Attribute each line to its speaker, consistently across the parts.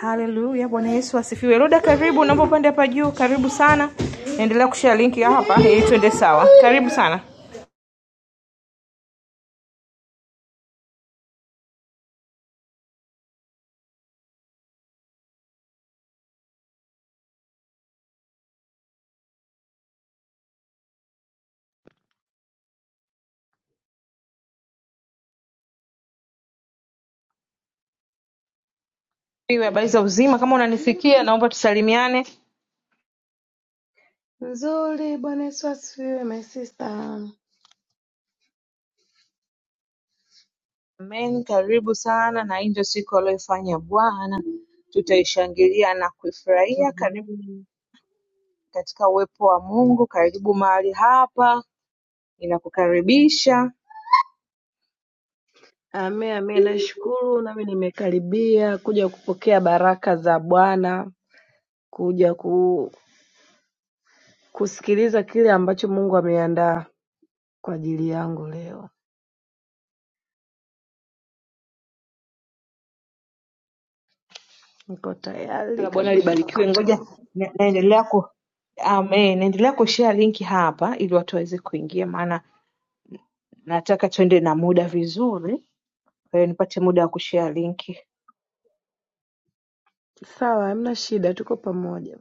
Speaker 1: Haleluya, Bwana Yesu asifiwe. Roda, karibu, naomba upande hapa juu. Karibu sana, endelea kushare linki ya hapa ili tuende sawa. Karibu sana, iwe habari za uzima. Kama unanisikia, naomba tusalimiane.
Speaker 2: Nzuri, Bwana Yesu asifiwe, my sister. Amen,
Speaker 1: Amen, karibu sana, na hii ndio siku aliyoifanya Bwana, tutaishangilia na kuifurahia. Karibu katika uwepo wa Mungu, karibu mahali hapa, ninakukaribisha.
Speaker 2: amen. amen. Nashukuru nami nimekaribia kuja kupokea baraka za Bwana, kuja ku, kusikiliza kile ambacho Mungu ameandaa kwa ajili yangu leo. Niko tayari
Speaker 1: La Bwana
Speaker 2: kabisa
Speaker 1: libarikiwe.
Speaker 2: kusikia.
Speaker 1: Ngoja na- naendelea ku Amen. Naendelea kushare linki hapa ili watu waweze kuingia, maana Nataka twende na muda vizuri, kwa hiyo nipate muda wa kushare linki.
Speaker 2: Sawa, hamna shida, tuko pamoja.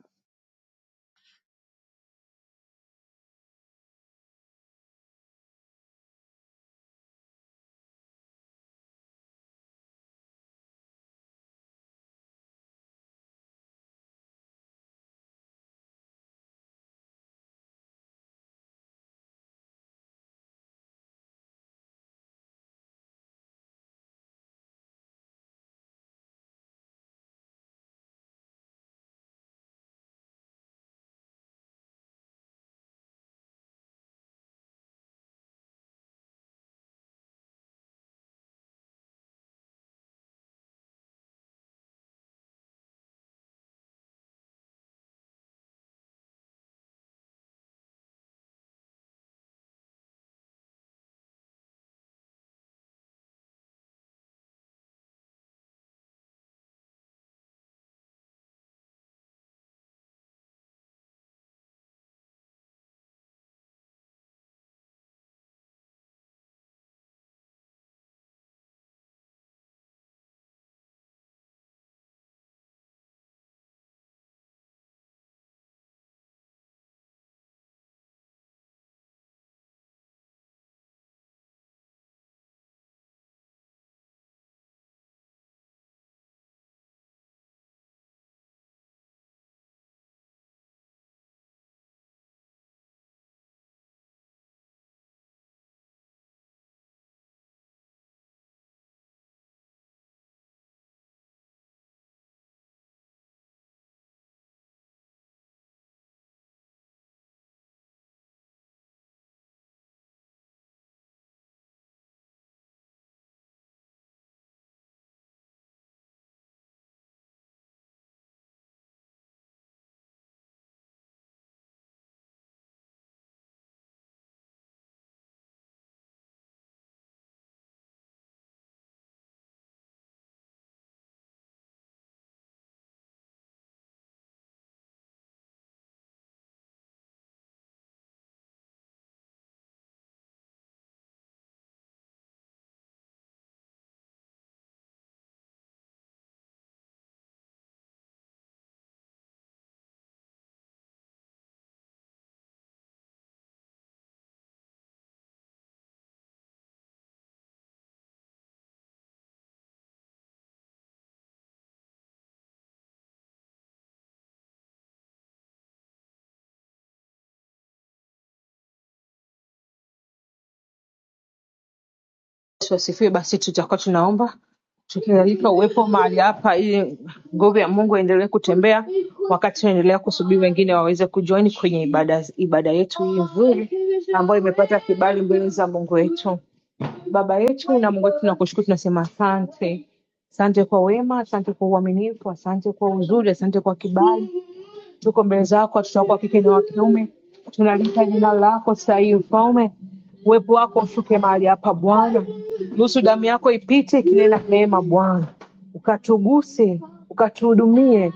Speaker 1: Yesu asifiwe. Basi tutakuwa tunaomba tukialika uwepo mahali hapa, ili nguvu ya Mungu iendelee kutembea wakati tunaendelea kusubiri wengine waweze kujoin kwenye ibada, ibada yetu hii nzuri ambayo imepata kibali mbele za Mungu wetu. Baba yetu na Mungu wetu, tunakushukuru, tunasema asante. Asante kwa wema, asante kwa uaminifu, asante kwa uzuri, asante kwa kibali. Tuko mbele zako, watoto wako wa kike na wa kiume, tunalihitaji jina lako saa hii mfalme. Uwepo wako ushuke mahali hapa Bwana, ruhusu damu yako ipite ikinena neema Bwana ukatuguse, ukatuhudumie.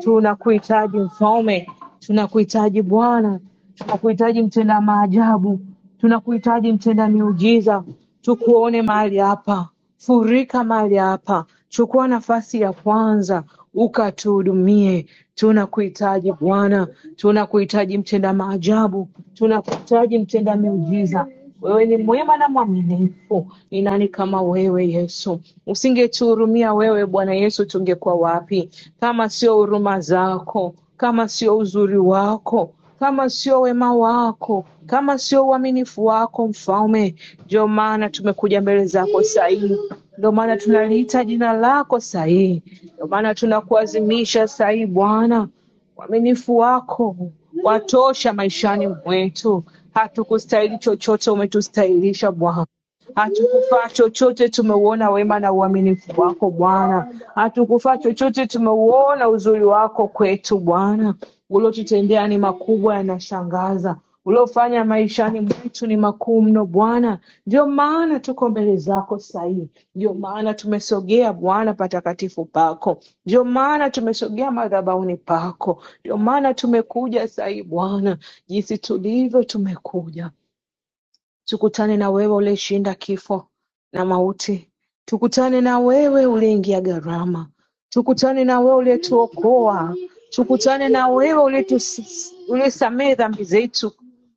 Speaker 1: Tunakuhitaji Mfalme, tunakuhitaji Bwana, tunakuhitaji mtenda maajabu, tunakuhitaji mtenda miujiza. Tukuone mahali hapa, furika mahali hapa, chukua nafasi ya kwanza ukatuhudumie. Tunakuhitaji Bwana, tunakuhitaji mtenda maajabu, tunakuhitaji mtenda miujiza. Wewe ni mwema na mwaminifu, ni nani kama wewe Yesu? Usingetuhurumia wewe Bwana Yesu, tungekuwa wapi kama sio huruma zako, kama sio uzuri wako, kama sio wema wako, kama sio uaminifu wako Mfalme. Ndio maana tumekuja mbele zako sahihi, ndio maana tunaliita jina lako sahihi, ndio maana tunakuazimisha sahihi Bwana Uaminifu wako watosha maishani mwetu. Hatukustahili chochote, umetustahilisha Bwana. Hatukufaa chochote, tumeuona wema na uaminifu wako Bwana. Hatukufaa chochote, tumeuona uzuri wako kwetu Bwana. Uliotutendea ni makubwa, yanashangaza. Uliofanya maishani mwetu ni makuu mno Bwana. Ndio maana tuko mbele zako sahii, ndio maana tumesogea Bwana patakatifu pako, ndio maana tumesogea madhabahuni pako, ndio maana tumekuja sahii Bwana, jinsi tulivyo tumekuja Tukutane na wewe uliyeshinda kifo na mauti tukutane na wewe uliyeingia gharama tukutane na wewe uliyetuokoa tukutane na wewe uliyetusi- uliyesamehe dhambi zetu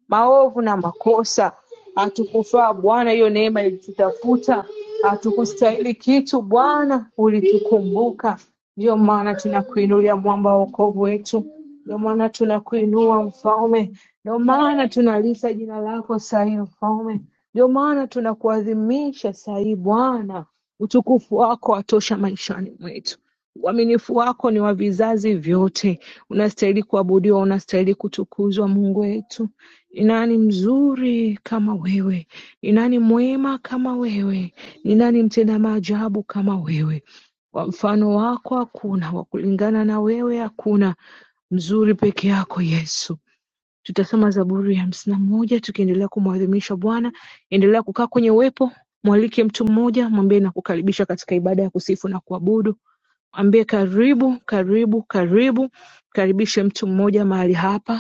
Speaker 1: maovu na makosa hatukufaa Bwana hiyo neema ilitutafuta hatukustahili kitu Bwana ulitukumbuka ndio maana tunakuinulia mwamba wa wokovu wetu ndio maana tunakuinua mfalme ndio maana tunalisa jina lako saa hii Mfalme, ndio maana tunakuadhimisha saa hii Bwana. Utukufu wako watosha maishani mwetu, uaminifu wako ni wa vizazi vyote. Unastahili kuabudiwa, unastahili kutukuzwa, Mungu wetu. Ni nani mzuri kama wewe? Ni nani mwema kama wewe? Ni nani mtenda maajabu kama wewe? Wa mfano wako hakuna, wa kulingana na wewe hakuna, mzuri peke yako Yesu. Tutasoma Zaburi ya hamsini na moja tukiendelea kumuadhimisha Bwana endelea kukaa kwenye uwepo mwalike mtu mmoja mwambie na kukaribisha katika ibada ya kusifu na kuabudu mwambie karibu karibu karibu karibishe mtu mmoja mahali hapa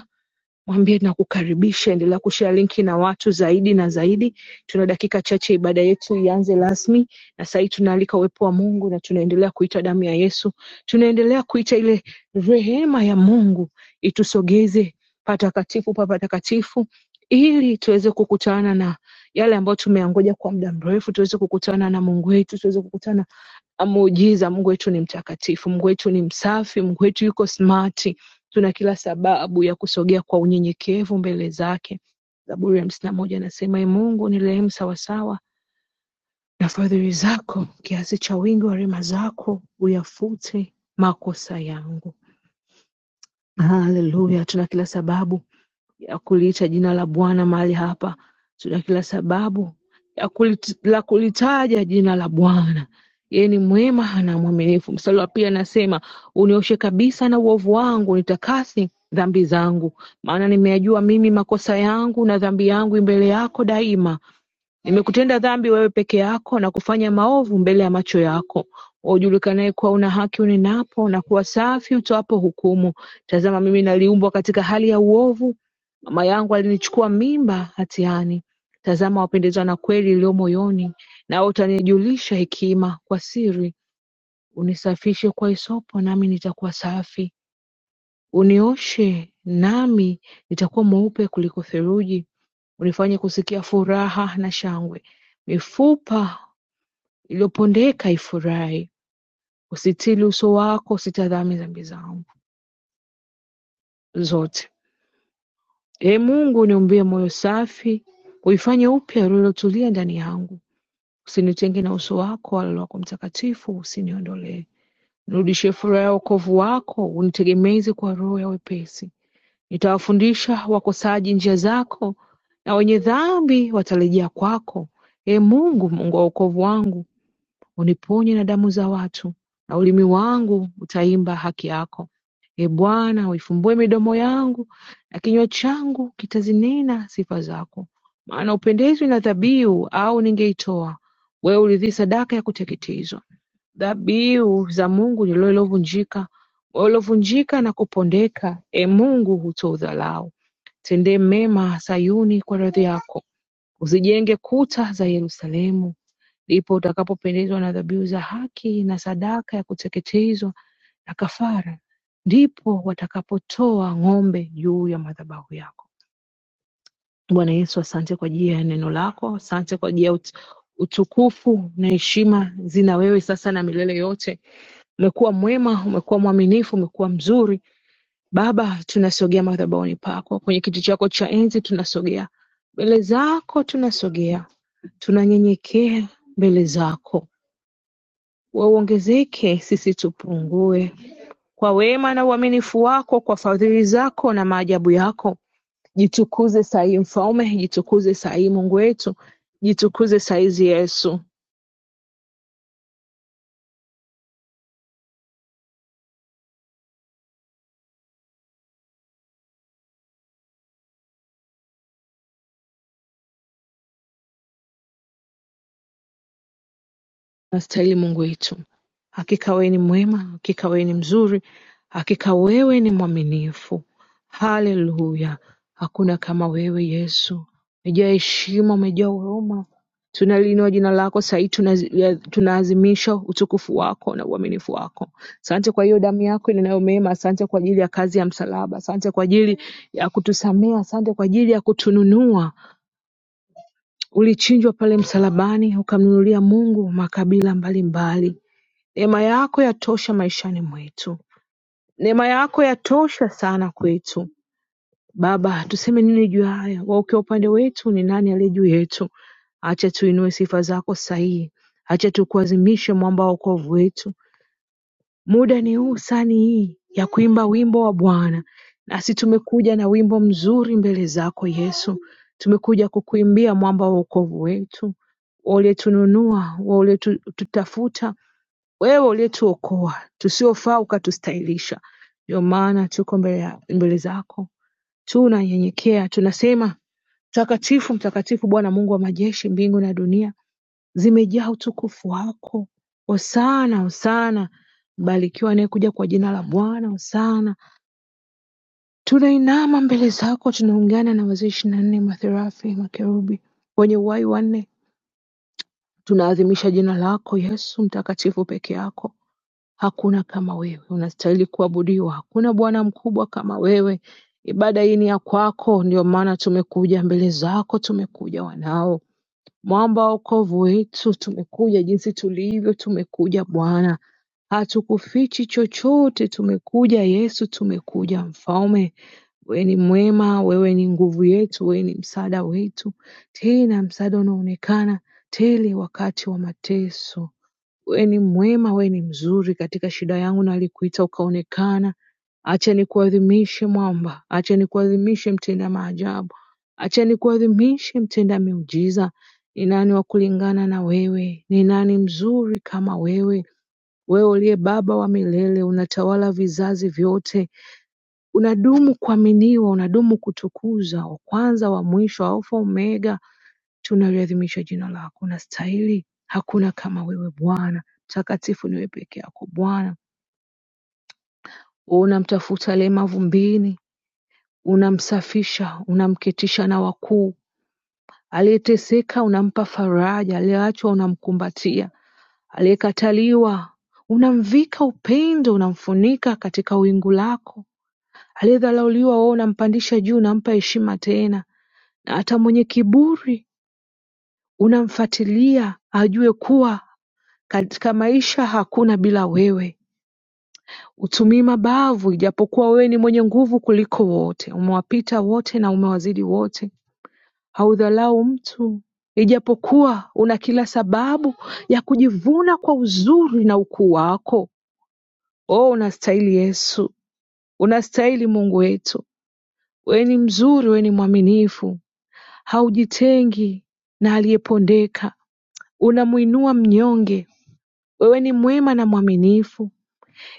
Speaker 1: mwambie na kukaribisha, endelea kushare linki na watu zaidi na zaidi. Tuna dakika chache, ibada yetu ianze rasmi, na sahii tunaalika uwepo wa Mungu na tunaendelea kuita damu ya Yesu, tunaendelea kuita ile rehema ya Mungu itusogeze patakatifu pa patakatifu, ili tuweze kukutana na yale ambayo tumeangoja kwa muda mrefu, tuweze kukutana na Mungu wetu, tuweze kukutana muujiza. Mungu wetu ni mtakatifu, Mungu wetu ni msafi, Mungu wetu yuko smart. Tuna kila sababu ya kusogea kwa unyenyekevu mbele zake. Zaburi ya hamsini na moja anasema "Ee Mungu nirehemu sawasawa na fadhili zako, kiasi cha wingi wa rehema zako uyafute makosa yangu. Haleluya, tuna kila sababu ya kuliita jina la Bwana mahali hapa. Tuna kila sababu ya kulit, la kulitaja jina la Bwana. Yeye ni mwema na mwaminifu. Mstari wa pili anasema, unioshe kabisa na uovu wangu, nitakase dhambi zangu, maana nimeyajua mimi makosa yangu, na dhambi yangu mbele yako daima. Nimekutenda dhambi wewe peke yako, na kufanya maovu mbele ya macho yako. Ujulikanaye kuwa una haki unenapo, na kuwa safi utoapo hukumu. Tazama, mimi naliumbwa katika hali ya uovu, Mama yangu alinichukua mimba hatiani. Tazama wapendezwa na kweli iliyo moyoni, nawe utanijulisha hekima kwa siri. Unisafishe kwa hisopo, nami nitakuwa safi; unioshe, nami nitakuwa mweupe kuliko theluji. Unifanye kusikia furaha na shangwe, mifupa iliyopondeka ifurahi. Usitili uso wako, usitazame dhambi zangu zote. Ee Mungu, niumbie moyo safi, uifanye upya roho iliyotulia ndani yangu. Usinitenge na uso wako, wala Roho wako Mtakatifu usiniondolee. Nirudishie furaha ya wokovu wako, unitegemeze kwa roho ya wepesi. Nitawafundisha wakosaji njia zako, na wenye dhambi watarejea kwako. Ee Mungu, Mungu wa wokovu wangu, uniponye na damu za watu, na ulimi wangu utaimba haki yako. Ee Bwana, uifumbue midomo yangu na kinywa changu kitazinena sifa zako. Maana hupendezwi na dhabihu, au ningeitoa wewe. Uridhii sadaka ya kuteketezwa, dhabihu za Mungu ni loyo lilovunjika. Moyo uliovunjika na kupondeka, e Mungu, hutoudharau. Tendee mema Sayuni kwa radhi yako, uzijenge kuta za Yerusalemu Ndipo utakapopendezwa na dhabihu za haki na sadaka ya kuteketezwa na kafara, ndipo watakapotoa ng'ombe juu ya madhabahu yako. Bwana Yesu, asante kwa ajili ya neno lako, asante kwa ajili ya ut- utukufu na heshima zina wewe sasa na milele yote. Umekuwa mwema, umekuwa mwaminifu, umekuwa mzuri. Baba, tunasogea madhabahuni pako, kwenye kiti chako cha enzi tunasogea mbele zako, tunasogea tunanyenyekea mbele zako wauongezeke sisi tupungue. Kwa wema na uaminifu wako, kwa fadhili zako na maajabu yako, jitukuze sahii Mfalme, jitukuze sahii Mungu wetu, jitukuze saizi Yesu, nastahili Mungu wetu. Hakika wewe ni mwema, hakika wewe ni mzuri, hakika wewe ni mwaminifu. Haleluya! Hakuna kama wewe Yesu, umejaa heshima, umejaa huruma. Tunaliinua jina lako sahii, tunaadhimisha utukufu wako na uaminifu wako. Asante kwa hiyo damu yako inenayo mema, asante kwa ajili ya kazi ya msalaba, asante kwa ajili ya kutusamea, asante kwa ajili ya kutununua. Ulichinjwa pale msalabani, ukamnunulia Mungu makabila mbalimbali Neema yako yatosha maishani mwetu. Neema yako yatosha sana kwetu. Baba, tuseme nini juu ya haya? Wewe ukiwa upande wetu, ni nani aliye juu yetu? Acha tuinue sifa zako sahihi, acha tukuazimishe mwamba wa wokovu wetu. Muda ni huu, sani hii ya kuimba wimbo wa Bwana, nasi tumekuja na wimbo mzuri mbele zako Yesu. Tumekuja kukuimbia mwamba wa wokovu wetu, wewe uliyetununua, wewe uliyetutafuta wewe uliyetuokoa tusiofaa ukatustahilisha. Ndio maana tuko mbele, mbele zako tunanyenyekea, tunasema mtakatifu, mtakatifu Bwana Mungu wa majeshi, mbingu na dunia zimejaa utukufu wako. Hosana, hosana, barikiwa anayekuja kwa jina la Bwana. Hosana, tunainama mbele zako, tunaungana na wazee ishirini na nne matherafi, makerubi wenye uhai wanne, tunaadhimisha jina lako Yesu mtakatifu peke yako Hakuna kama wewe, unastahili kuabudiwa. Hakuna Bwana mkubwa kama wewe. Ibada hii ni ya kwako, ndio maana tumekuja mbele zako, tumekuja wanao, mwamba wa wokovu wetu, tumekuja jinsi tulivyo, tumekuja Bwana, hatukufichi chochote, tumekuja Yesu, tumekuja Mfalme. Wewe ni mwema, wewe ni nguvu yetu, wewe ni msaada wetu, tena msaada unaonekana tele wakati wa mateso. Wewe ni mwema, wewe ni mzuri katika shida yangu, na alikuita ukaonekana. Acha nikuadhimishe mwamba, acha nikuadhimishe mtenda maajabu, acha nikuadhimishe mtenda miujiza. Ni nani wa kulingana na wewe? Ni nani mzuri kama wewe? Wewe uliye Baba wa milele, unatawala vizazi vyote, unadumu kuaminiwa, unadumu kutukuzwa, wa kwanza wa mwisho, Alfa Omega, Tunaliadhimisha jina lako, unastahili. Hakuna kama wewe Bwana, mtakatifu ni wewe peke yako Bwana. Unamtafuta alemavu mbini, unamsafisha, unamketisha na wakuu. Aliyeteseka unampa faraja, aliyeachwa unamkumbatia, aliyekataliwa unamvika upendo, unamfunika katika wingu lako. Aliyedharauliwa wewe unampandisha juu, unampa heshima tena, na hata mwenye kiburi unamfatilia ajue kuwa Katika maisha hakuna bila wewe hutumii mabavu ijapokuwa wewe ni mwenye nguvu kuliko wote umewapita wote na umewazidi wote haudharau mtu ijapokuwa una kila sababu ya kujivuna kwa uzuri na ukuu wako oh unastahili Yesu unastahili Mungu wetu wewe ni mzuri wewe ni mwaminifu haujitengi na aliyepondeka unamwinua mnyonge wewe ni mwema na mwaminifu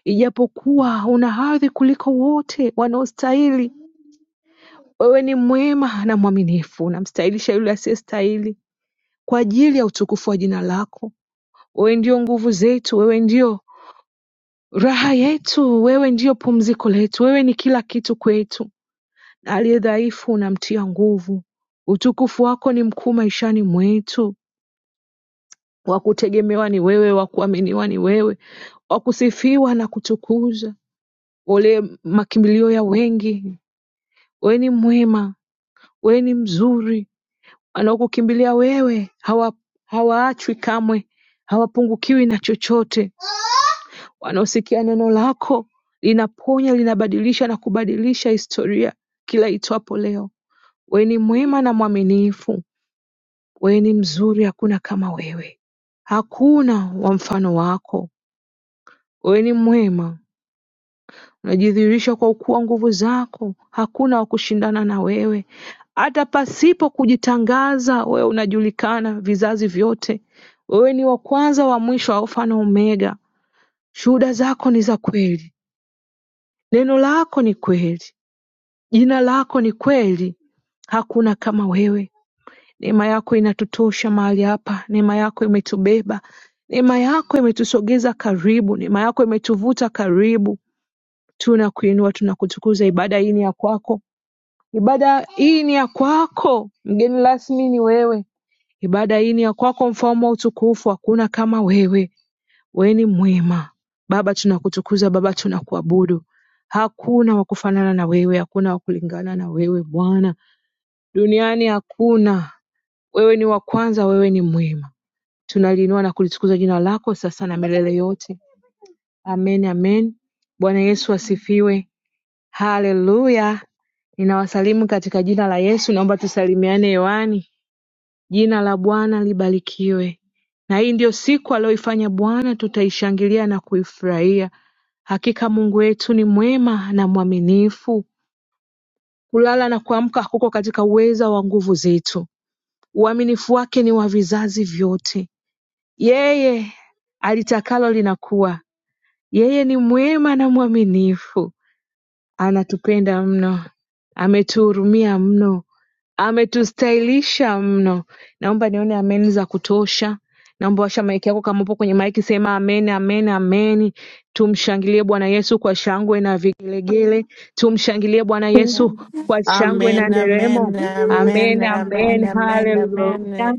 Speaker 1: Ijapokuwa una hadhi kuliko wote wanaostahili, wewe ni mwema na mwaminifu, unamstahilisha yule asiyestahili kwa ajili ya utukufu wa jina lako. Wewe ndio nguvu zetu, wewe ndio raha yetu, wewe ndio pumziko letu, wewe ni kila kitu kwetu, na aliye dhaifu unamtia nguvu. Utukufu wako ni mkuu maishani mwetu, wa kutegemewa ni wewe, wa kuaminiwa ni wewe, wa kusifiwa na kutukuza. Ole makimbilio ya wengi, wewe ni mwema Wewe ni mzuri wanaokukimbilia wewe hawa, hawaachwi kamwe hawapungukiwi na chochote wanaosikia neno lako linaponya linabadilisha na kubadilisha historia kila itwapo leo wewe ni mwema na mwaminifu wewe ni mzuri hakuna kama wewe hakuna wa mfano wako wewe ni mwema Unajidhihirisha kwa kuwa nguvu zako hakuna wa kushindana na wewe. Hata pasipo kujitangaza, wewe unajulikana vizazi vyote. Wewe ni wa kwanza, wa mwisho, Alfa na Omega. Shuhuda zako ni za kweli, neno lako ni kweli, jina lako ni kweli. Hakuna kama wewe. Neema yako inatutosha mahali hapa, neema yako imetubeba, neema yako imetusogeza karibu, neema yako imetuvuta karibu. Tunakuinua, tunakutukuza. Ibada hii ni ya kwako. Ibada hii ni ya kwako, mgeni rasmi ni wewe. Ibada hii ni ya kwako, mfalme wa utukufu, hakuna kama wewe. Wewe ni mwema Baba, tunakutukuza Baba, tunakuabudu. Hakuna wa kufanana na wewe, hakuna wa kulingana na wewe Bwana, duniani hakuna. Wewe ni wa kwanza, wewe ni mwema. Tunaliinua na kulitukuza jina lako sasa na milele yote. Amen, amen. Bwana Yesu asifiwe. Hallelujah Ninawasalimu katika jina la Yesu naomba tusalimiane hewani jina la Bwana libarikiwe na hii ndiyo siku aliyoifanya Bwana tutaishangilia na kuifurahia hakika Mungu wetu ni mwema na mwaminifu kulala na kuamka kuko katika uweza wa nguvu zetu uaminifu wake ni wa vizazi vyote yeye alitakalo linakuwa yeye ni mwema na mwaminifu anatupenda mno ametuhurumia mno Ametustahilisha mno naomba nione Amen za kutosha naomba washa maiki yako kama upo kwenye maiki sema Amen Amen Amen tumshangilie Bwana Yesu kwa shangwe na vigelegele tumshangilie Bwana Yesu
Speaker 2: Amen.
Speaker 1: kwa shangwe na
Speaker 3: Amen, amen,
Speaker 1: nderemo
Speaker 3: amen, amen,
Speaker 1: Amen
Speaker 3: amen,
Speaker 1: Amen haleluya
Speaker 3: amen.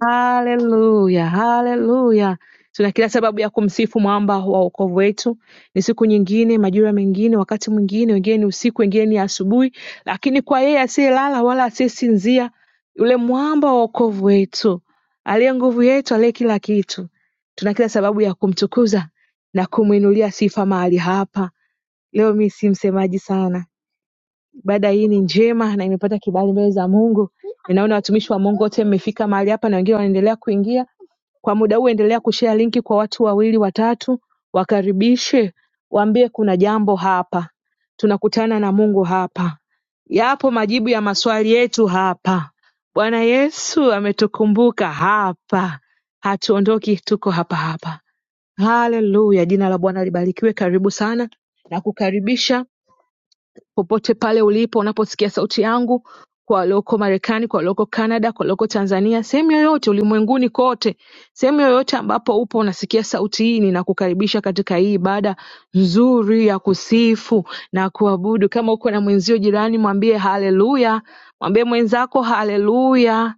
Speaker 1: Haleluya, haleluya. Tuna kila sababu ya kumsifu mwamba wa wokovu wetu. Ni siku nyingine, majira mengine, wakati mwingine, wengine ni usiku, wengine ni asubuhi, lakini kwa yeye asiyelala wala asiyesinzia, yule mwamba wa wokovu wetu, aliye nguvu yetu, aliye kila kitu, tuna kila sababu ya kumtukuza na kumwinulia sifa mahali hapa. Leo mi si msemaji sana, ibada hii ni njema na imepata kibali mbele za Mungu. Ninaona watumishi wa Mungu wote mmefika mahali hapa na wengine wanaendelea kuingia kwa muda huu endelea kushare linki kwa watu wawili watatu, wakaribishe, waambie kuna jambo hapa, tunakutana na Mungu hapa, yapo majibu ya maswali yetu hapa. Bwana Yesu ametukumbuka hapa, hatuondoki, tuko hapa hapa. Haleluya, jina la Bwana libarikiwe. Karibu sana na kukaribisha popote pale ulipo unaposikia sauti yangu kwa walioko marekani kwa walioko canada kwa walioko tanzania sehemu yoyote ulimwenguni kote sehemu yoyote ambapo upo unasikia sauti hii ninakukaribisha katika hii ibada nzuri ya kusifu na kuabudu kama uko na mwenzio jirani mwambie haleluya mwambie mwenzako haleluya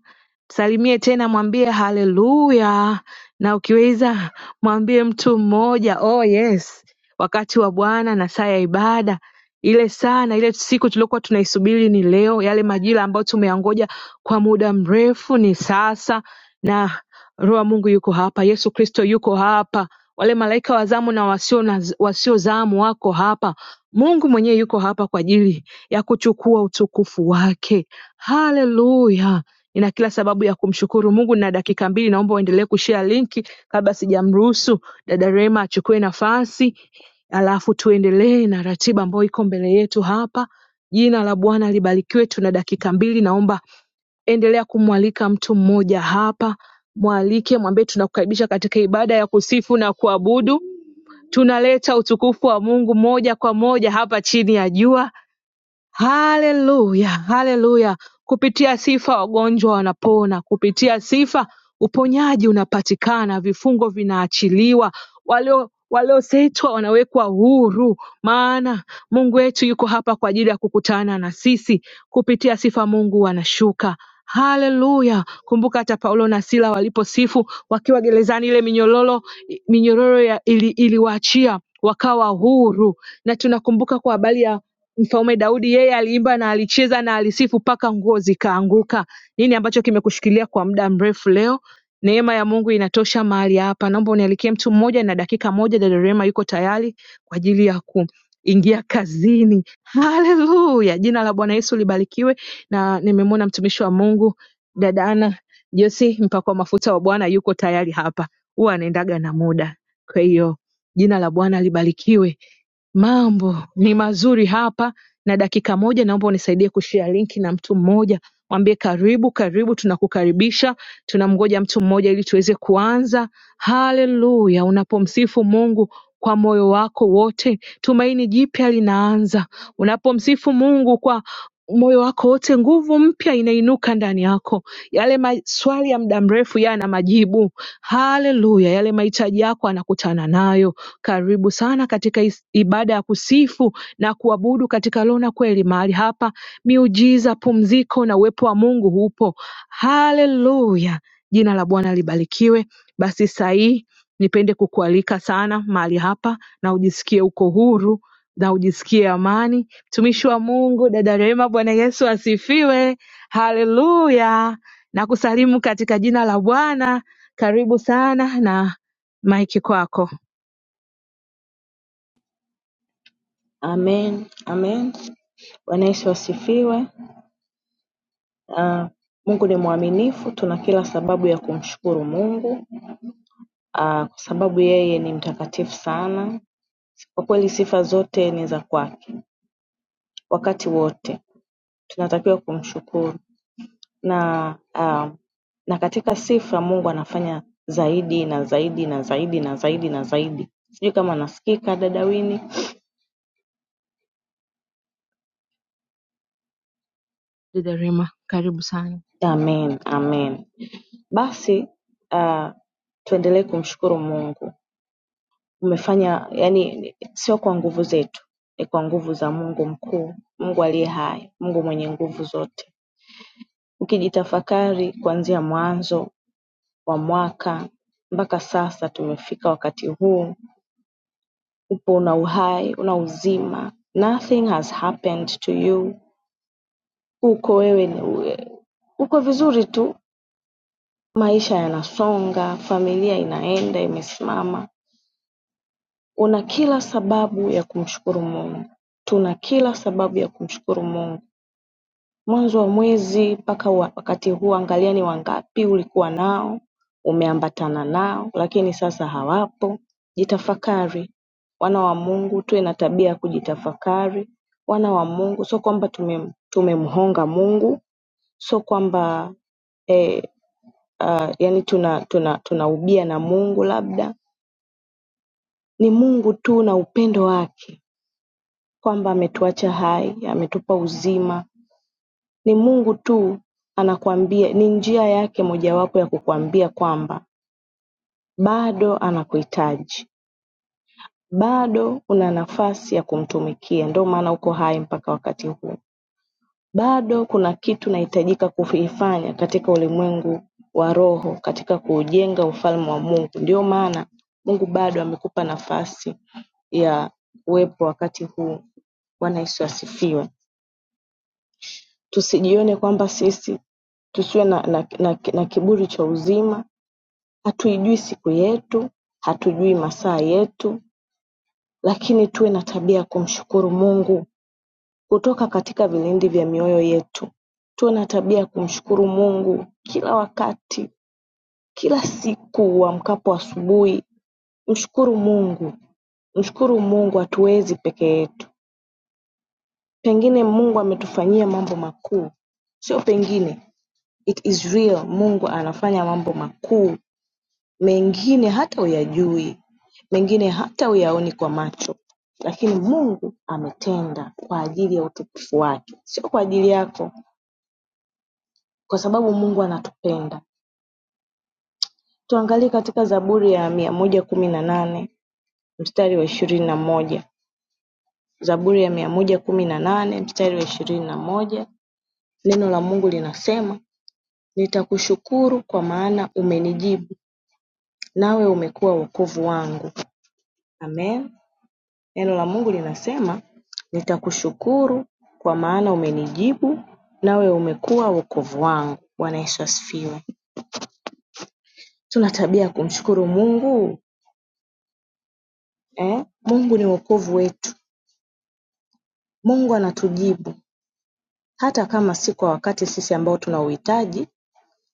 Speaker 1: salimie tena mwambie haleluya na ukiweza mwambie mtu mmoja oh yes wakati wa Bwana na saa ya ibada ile saa na ile siku tuliokuwa tunaisubiri ni leo. Yale majira ambayo tumeyangoja kwa muda mrefu ni sasa, na Roho wa Mungu yuko hapa, Yesu Kristo yuko hapa, wale malaika wa zamu na wasio na, wasio zamu wako hapa. Mungu mwenyewe yuko hapa kwa ajili ya kuchukua utukufu wake. Haleluya! Nina kila sababu ya kumshukuru Mungu na dakika mbili, naomba uendelee kushare linki kabla sijamruhusu dada Rema achukue nafasi halafu tuendelee na ratiba ambayo iko mbele yetu hapa. Jina la Bwana libarikiwe. Tuna dakika mbili, naomba endelea kumwalika mtu mmoja hapa, mwalike, mwambie tunakukaribisha katika ibada ya kusifu na kuabudu. Tunaleta utukufu wa Mungu moja kwa moja hapa chini ya jua. Haleluya, haleluya! Kupitia sifa wagonjwa wanapona, kupitia sifa uponyaji unapatikana, vifungo vinaachiliwa, walio waliosetwa wanawekwa huru, maana Mungu wetu yuko hapa kwa ajili ya kukutana na sisi. Kupitia sifa Mungu anashuka. Haleluya! Kumbuka hata Paulo na Sila waliposifu wakiwa gerezani, ile minyororo minyororo ya- ili- iliwaachia wakawa huru, na tunakumbuka kwa habari ya Mfalme Daudi yeye aliimba na alicheza na alisifu mpaka nguo zikaanguka. Nini ambacho kimekushikilia kwa muda mrefu leo? Neema ya Mungu inatosha mahali hapa. Naomba unialikie mtu mmoja na dakika moja. Dada Rema yuko tayari kwa ajili ya kuingia kazini. Haleluya! Jina la Bwana Yesu libarikiwe. Na nimemwona mtumishi wa Mungu dada Ana Josi, mpakwa mafuta wa Bwana, yuko tayari hapa. Huwa anaendaga na muda, kwa hiyo jina la Bwana libarikiwe. Mambo ni mazuri hapa, na dakika moja naomba unisaidie kushare linki na mtu mmoja, mwambie karibu karibu, tunakukaribisha. Tunamgoja mtu mmoja ili tuweze kuanza. Haleluya! Unapomsifu Mungu kwa moyo wako wote, tumaini jipya linaanza. Unapomsifu Mungu kwa moyo wako wote, nguvu mpya inainuka ndani yako. Yale maswali ya muda mrefu yana majibu. Haleluya! Yale mahitaji yako anakutana nayo. Karibu sana katika is- ibada ya kusifu na kuabudu katika roho na kweli. Mahali hapa miujiza, pumziko na uwepo wa Mungu hupo. Haleluya! Jina la Bwana libarikiwe. Basi saa hii nipende kukualika sana mahali hapa, na ujisikie uko huru na ujisikie amani Mtumishi wa Mungu dada Rehema, Bwana Yesu asifiwe, haleluya. Nakusalimu katika jina la Bwana, karibu sana na maiki kwako
Speaker 4: Amen, amen. Bwana Yesu asifiwe. Ah, Mungu ni mwaminifu, tuna kila sababu ya kumshukuru Mungu ah, kwa sababu yeye ni mtakatifu sana. Kwa kweli sifa zote ni za kwake, wakati wote tunatakiwa kumshukuru na ah, na katika sifa Mungu anafanya zaidi na zaidi na zaidi na zaidi na zaidi. Sijui kama nasikika dada Wini.
Speaker 1: dada Rehema, karibu sana.
Speaker 4: Amen, amen. Basi ah, tuendelee kumshukuru Mungu. umefanya yani sio kwa nguvu zetu ni kwa nguvu za mungu mkuu mungu aliye hai mungu mwenye nguvu zote ukijitafakari kuanzia mwanzo wa mwaka mpaka sasa tumefika wakati huu upo una uhai una uzima nothing has happened to you uko wewe ni- uko vizuri tu maisha yanasonga familia inaenda imesimama Una kila sababu ya kumshukuru Mungu. Tuna kila sababu ya kumshukuru Mungu. Mwanzo wa mwezi mpaka wa- wakati huu, angalia ni wangapi ulikuwa nao, umeambatana nao, lakini sasa hawapo. Jitafakari wana wa Mungu, tuwe na tabia ya kujitafakari wana wa Mungu. Sio kwamba tumem- tumemhonga Mungu, sio kwamba eh, uh, yani tuna tuna tunaubia na Mungu labda ni Mungu tu na upendo wake kwamba ametuacha hai, ametupa uzima. Ni Mungu tu anakuambia, ni njia yake mojawapo ya kukuambia kwamba bado anakuhitaji, bado una nafasi ya kumtumikia. Ndio maana uko hai mpaka wakati huu. Bado kuna kitu nahitajika kufifanya katika ulimwengu wa roho, katika kuujenga ufalme wa Mungu. Ndio maana Mungu bado amekupa nafasi ya uwepo wakati huu. Bwana Yesu asifiwe. Tusijione kwamba sisi tusiwe na, na, na na kiburi cha uzima. Hatuijui siku yetu, hatujui masaa yetu, lakini tuwe na tabia ya kumshukuru Mungu kutoka katika vilindi vya mioyo yetu. Tuwe na tabia ya kumshukuru Mungu kila wakati, kila siku uamkapo asubuhi. Mshukuru Mungu, mshukuru Mungu, hatuwezi peke yetu. Pengine Mungu ametufanyia mambo makuu, sio pengine, It is real Mungu anafanya mambo makuu mengine hata huyajui, mengine hata huyaoni kwa macho, lakini Mungu ametenda kwa ajili ya utukufu wake, sio kwa ajili yako, kwa sababu Mungu anatupenda. Tuangalie katika Zaburi ya mia moja kumi na nane mstari wa ishirini na moja. Zaburi ya mia moja kumi na nane mstari wa ishirini na moja. Neno la Mungu linasema, nitakushukuru kwa maana umenijibu, nawe umekuwa wokovu wangu. Amen. Neno la Mungu linasema, nitakushukuru kwa maana umenijibu nawe umekuwa wokovu wangu. Bwana Yesu asifiwe. Tuna tabia ya kumshukuru Mungu eh? Mungu ni wokovu wetu. Mungu anatujibu hata kama si kwa wakati sisi ambao tunauhitaji,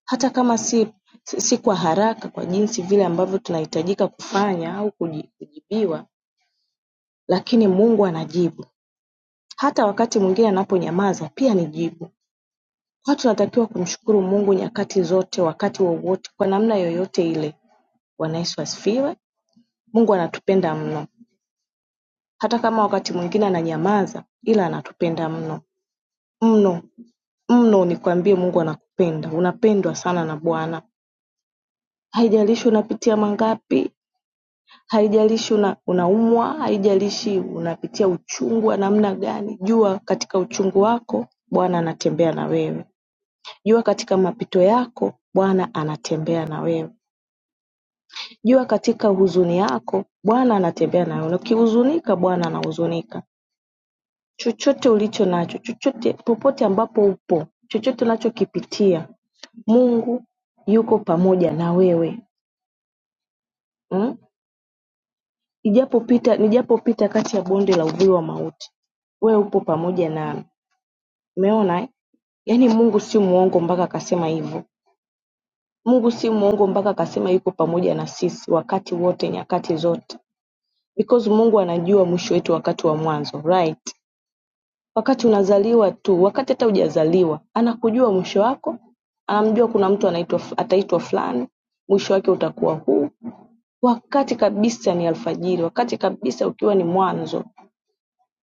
Speaker 4: hata kama si, si, si kwa haraka kwa jinsi vile ambavyo tunahitajika kufanya au kuji- kujibiwa, lakini Mungu anajibu. Hata wakati mwingine anaponyamaza pia ni jibu Watu wanatakiwa kumshukuru Mungu nyakati zote wakati wowote kwa namna yoyote ile. Bwana Yesu asifiwe. Mungu anatupenda mno. Hata kama wakati mwingine ananyamaza ila anatupenda mno. Mno, mno nikwambie Mungu anakupenda. Unapendwa sana na Bwana. Haijalishi unapitia mangapi, haijalishi una, unaumwa, haijalishi unapitia uchungu wa namna gani. Jua katika uchungu wako Bwana anatembea na wewe. Jua katika mapito yako Bwana anatembea na wewe. Jua katika huzuni yako Bwana anatembea nawe ukihuzunika Bwana anahuzunika chochote ulicho nacho chochote popote ambapo upo chochote unachokipitia Mungu yuko pamoja na wewe mm? Nijapopita nijapopita kati ya bonde la uvuli wa mauti wewe upo pamoja nami umeona eh? Yaani Mungu si muongo mpaka akasema hivyo. Mungu si muongo mpaka akasema yuko pamoja na sisi wakati wote, nyakati zote. because Mungu anajua mwisho wetu wakati wa mwanzo right wakati unazaliwa tu wakati hata hujazaliwa anakujua mwisho wako anamjua kuna mtu anaitwa ataitwa fulani mwisho wake utakuwa huu wakati kabisa ni alfajiri wakati kabisa ukiwa ni mwanzo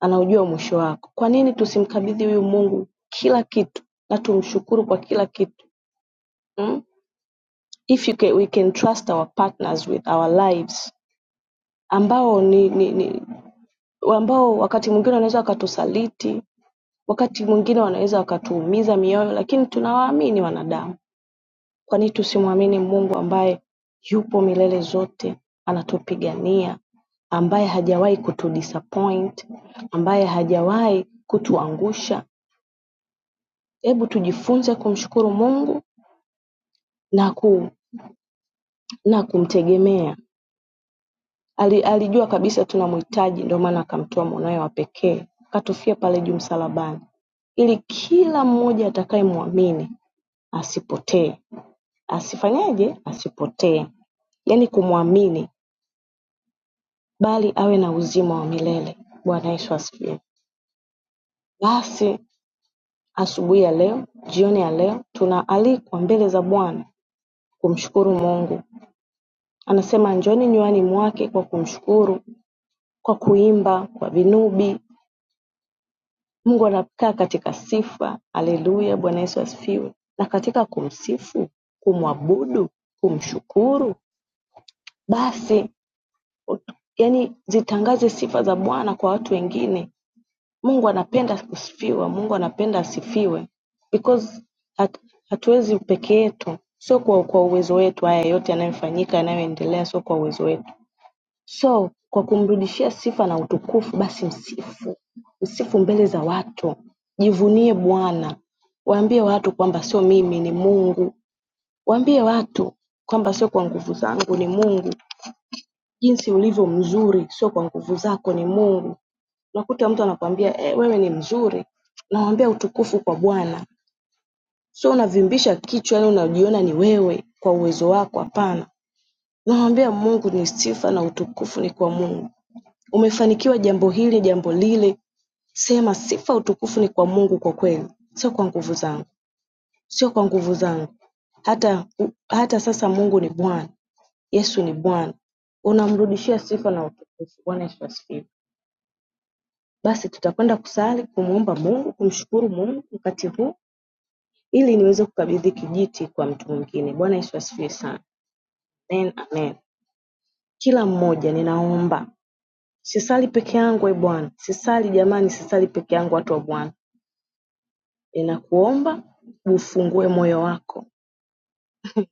Speaker 4: anaujua mwisho wako kwa nini tusimkabidhi huyu Mungu kila kitu na tumshukuru kwa kila kitu mm? if you can, we can trust our partners with our lives ambao ni, ni, ni ambao wakati mwingine wanaweza wakatusaliti Wakati mwingine wanaweza wakatuumiza mioyo lakini tunawaamini wanadamu kwani tusimwamini Mungu ambaye yupo milele zote anatupigania ambaye hajawahi kutudisappoint, ambaye hajawahi kutuangusha. Hebu tujifunze kumshukuru Mungu na, ku, na kumtegemea. Ali, alijua kabisa tunamhitaji, ndio maana akamtoa mwanawe wa pekee akatufia pale juu msalabani, ili kila mmoja atakayemwamini asipotee, asifanyeje asipotee yaani kumwamini bali awe na uzima wa milele bwana yesu asifiwe basi asubuhi ya leo jioni ya leo tunaalikwa mbele za bwana kumshukuru mungu anasema njoni nywani mwake kwa kumshukuru kwa kuimba kwa vinubi mungu anakaa katika sifa haleluya bwana yesu asifiwe na katika kumsifu kumwabudu kumshukuru basi yani zitangaze sifa za Bwana kwa watu wengine. Mungu anapenda kusifiwa, Mungu anapenda asifiwe because hat, hatuwezi peke yetu, sio kwa, kwa uwezo wetu. Haya yote yanayofanyika yanayoendelea, sio kwa uwezo wetu. So kwa kumrudishia sifa na utukufu, basi msifu, msifu mbele za watu, jivunie Bwana, waambie watu kwamba sio mimi, ni Mungu. Waambie watu kwamba sio kwa nguvu zangu, ni Mungu jinsi ulivyo mzuri sio kwa nguvu zako ni Mungu. Unakuta mtu anakwambia eh, wewe ni mzuri, nawambia utukufu kwa Bwana. Sio unavimbisha kichwa yani unajiona ni wewe kwa uwezo wako, hapana. Unamwambia Mungu ni sifa na utukufu ni kwa Mungu. Umefanikiwa jambo hili, jambo lile, sema sifa utukufu ni kwa Mungu kwa kweli, sio kwa nguvu zangu, sio kwa nguvu zangu. Hata u- hata sasa Mungu ni Bwana, Yesu ni Bwana. Unamrudishia sifa na utukufu. Bwana Yesu asifiwe. Basi tutakwenda kusali kumuomba Mungu kumshukuru Mungu wakati huu ili niweze kukabidhi kijiti kwa mtu mwingine. Bwana Yesu asifiwe sana. Amen, amen. Kila mmoja ninaomba, sisali peke yangu e Bwana, sisali jamani, sisali peke yangu watu wa Bwana, ninakuomba ufungue moyo wako.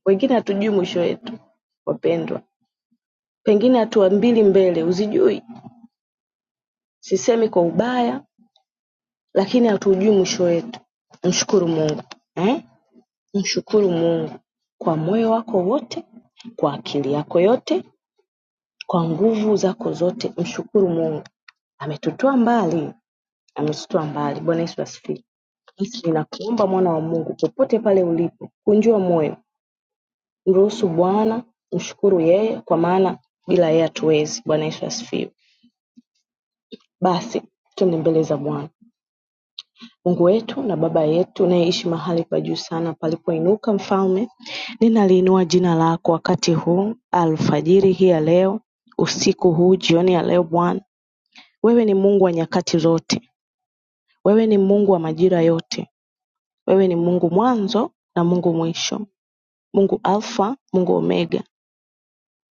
Speaker 4: Wengine hatujui mwisho wetu, wapendwa, pengine hatua mbili mbele uzijui. Sisemi kwa ubaya, lakini hatujui mwisho wetu. Mshukuru Mungu eh? Mshukuru Mungu kwa moyo wako wote, kwa akili yako yote, kwa nguvu zako zote. Mshukuru Mungu ametutoa mbali, ametutoa mbali. Bwana Yesu asifiwe. Basi ninakuomba mwana wa Mungu, popote pale ulipo, kunjua moyo, mruhusu Bwana, mshukuru yeye, kwa maana bila yeye hatuwezi. Bwana Yesu asifiwe. Basi twende mbele za Bwana. Mungu wetu na Baba yetu unayeishi mahali pa juu sana palipoinuka, Mfalme, ninaliinua jina lako wakati huu, alfajiri hii ya leo, usiku huu, jioni ya leo. Bwana, wewe ni Mungu wa nyakati zote, wewe ni Mungu wa majira yote, wewe ni Mungu mwanzo na Mungu mwisho, Mungu Alfa, Mungu Omega.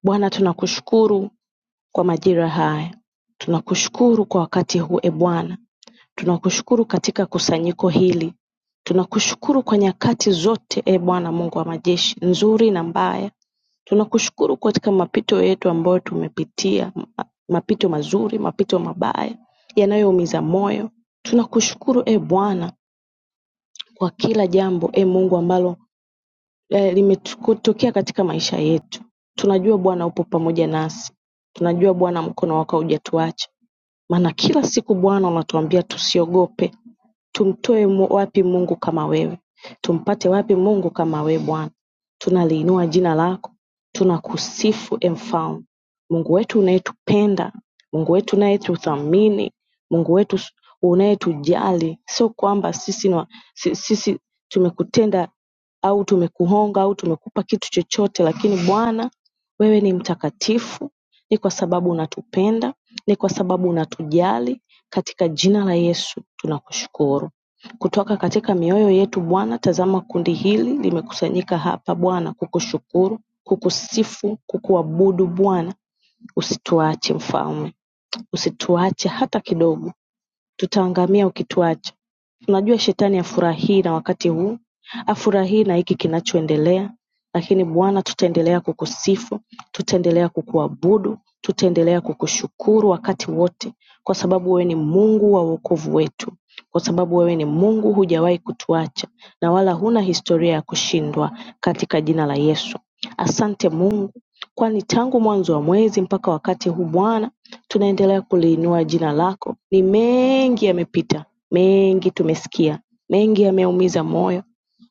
Speaker 4: Bwana, tunakushukuru kwa majira haya, tunakushukuru kwa wakati huu, e Bwana Tunakushukuru katika kusanyiko hili, tunakushukuru kwa nyakati zote e Bwana Mungu wa majeshi, nzuri na mbaya. Tunakushukuru katika mapito yetu ambayo tumepitia, ma- mapito mazuri, mapito mabaya yanayoumiza moyo. Tunakushukuru e Bwana kwa kila jambo e Mungu ambalo eh, limetokea katika maisha yetu. Tunajua Bwana upo pamoja nasi, tunajua Bwana mkono wako haujatuacha, maana kila siku Bwana unatuambia tusiogope, Tumtoe wapi Mungu kama wewe? Tumpate wapi Mungu kama wewe Bwana? Tunaliinua jina lako, tunakusifu e mfalme, Mungu wetu unayetupenda, Mungu wetu unayetuthamini, Mungu wetu s- unayetujali. Sio kwamba sisi, ni wa- si- sisi tumekutenda au tumekuhonga au tumekupa kitu chochote, lakini Bwana wewe ni mtakatifu, ni kwa sababu unatupenda, ni kwa sababu unatujali, katika jina la Yesu tunakushukuru. Kutoka katika mioyo yetu Bwana, tazama kundi hili limekusanyika hapa Bwana kukushukuru, kukusifu, kukuabudu Bwana. Usituache mfalme, usituache hata kidogo tutaangamia ukituacha. Tunajua shetani hafurahii na wakati huu, hafurahii na hiki kinachoendelea, lakini Bwana tutaendelea kukusifu, tutaendelea kukuabudu, tutaendelea kukushukuru wakati wote, kwa sababu wewe ni Mungu wa wokovu wetu, kwa sababu wewe ni Mungu, hujawahi kutuacha na wala huna historia ya kushindwa, katika jina la Yesu. Asante Mungu kwani tangu mwanzo wa mwezi mpaka wakati huu Bwana, tunaendelea kuliinua jina lako. Ni mengi yamepita, mengi tumesikia, mengi yameumiza moyo,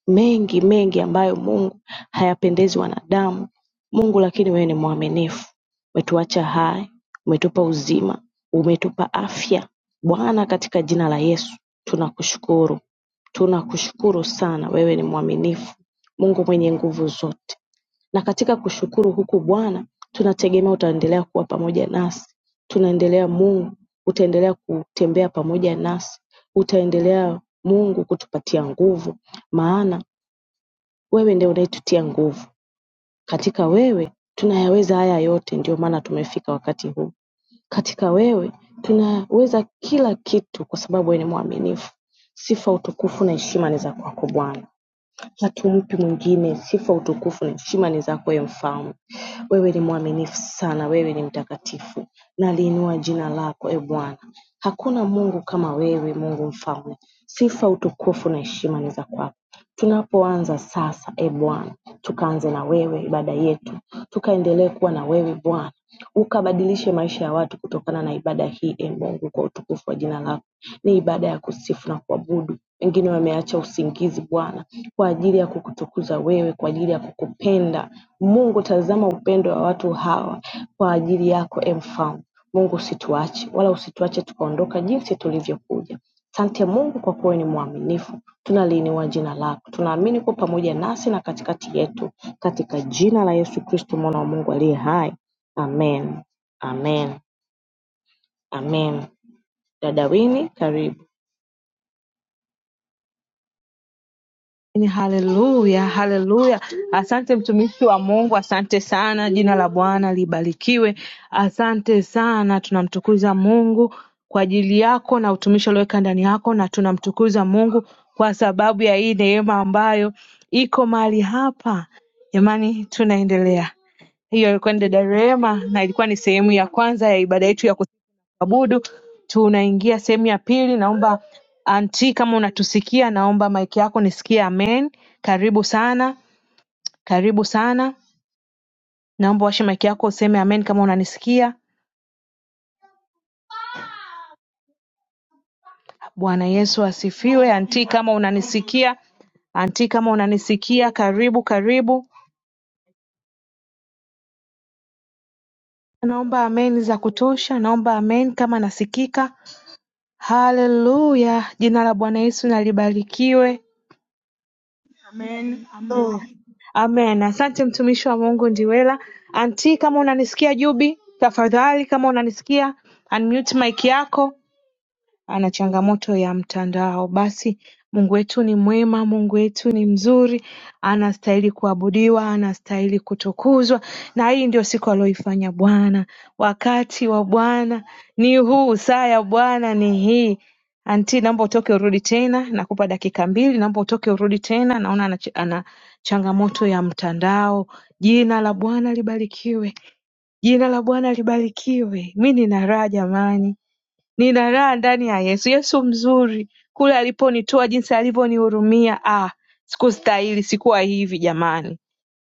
Speaker 4: mengi mengi ambayo Mungu hayapendezi wanadamu. Mungu, lakini wewe ni mwaminifu, umetuacha hai, umetupa uzima, umetupa afya. Bwana, katika jina la Yesu tunakushukuru, tunakushukuru sana. Wewe ni mwaminifu, Mungu mwenye nguvu zote. Na katika kushukuru huku Bwana tunategemea utaendelea kuwa pamoja nasi. Tunaendelea Mungu, utaendelea kutembea pamoja nasi. Utaendelea Mungu kutupatia nguvu, maana wewe ndiye unayetutia nguvu. Katika wewe tunayaweza haya yote, ndio maana tumefika wakati huu. Katika wewe tunaweza kila kitu, kwa sababu wewe ni mwaminifu. Sifa, utukufu na heshima ni za kwako Bwana hatumpi mwingine. Sifa, utukufu na heshima ni zako, ewe Mfalme. Wewe ni mwaminifu sana, wewe ni mtakatifu, na liinua jina lako e Bwana. Hakuna Mungu kama wewe, Mungu Mfalme. Sifa, utukufu na heshima ni za kwako. Tunapoanza sasa, e Bwana, tukaanze na wewe ibada yetu, tukaendelee kuwa na wewe Bwana, ukabadilishe maisha ya watu kutokana na ibada hii, e Mungu, kwa utukufu wa jina lako. Ni ibada ya kusifu na kuabudu. Wengine wameacha usingizi Bwana, kwa ajili ya kukutukuza wewe, kwa ajili ya kukupenda Mungu. Tazama upendo wa watu hawa kwa ajili yako, e Mfalme Mungu, usituache wala usituache tukaondoka jinsi tulivyokuja. Asante Mungu kwa kuwa wewe ni mwaminifu. Tunaliinua jina lako. Tunaamini kuwa pamoja nasi na katikati yetu. Katika jina la Yesu Kristo mwana wa Mungu aliye hai. Amen. Amen. Amen. Dada Wini, karibu.
Speaker 1: Amen, haleluya, haleluya. Asante mtumishi wa Mungu, asante sana. Jina la Bwana libarikiwe. Asante sana, tunamtukuza Mungu kwa ajili yako na utumishi ulioweka ndani yako, na tunamtukuza Mungu kwa sababu ya hii neema ambayo iko mahali hapa. Jamani, tunaendelea. Hiyo kwenda Darema na ilikuwa ni sehemu ya kwanza ya ibada yetu ya kuabudu. Tunaingia sehemu ya pili. Naomba anti, kama unatusikia, naomba maiki yako nisikie amen. Karibu sana, karibu sana. Naomba washe maiki yako useme amen kama unanisikia. Bwana Yesu asifiwe. Anti, kama unanisikia, anti, kama unanisikia, karibu karibu. Naomba amen za kutosha, naomba amen kama nasikika. Haleluya! Jina la Bwana Yesu na libarikiwe.
Speaker 5: Amen. Amen.
Speaker 1: amen asante mtumishi wa mungu ndiwela anti kama unanisikia jubi tafadhali kama unanisikia unmute mic yako ana changamoto ya mtandao Basi Mungu wetu ni mwema, Mungu wetu ni mzuri, anastahili kuabudiwa, anastahili kutukuzwa, na hii ndio siku aliyoifanya Bwana. Wakati wa Bwana ni huu, saa ya Bwana ni hii. Anti, naomba utoke urudi tena, nakupa dakika mbili. Naomba utoke urudi tena, naona ana, ana changamoto ya mtandao. Jina la Bwana libarikiwe, jina la Bwana libarikiwe. Mi nina raha jamani. Nina raha ndani ya Yesu. Yesu mzuri kule aliponitoa jinsi alivyonihurumia, ah, sikustahili, sikuwa hivi jamani.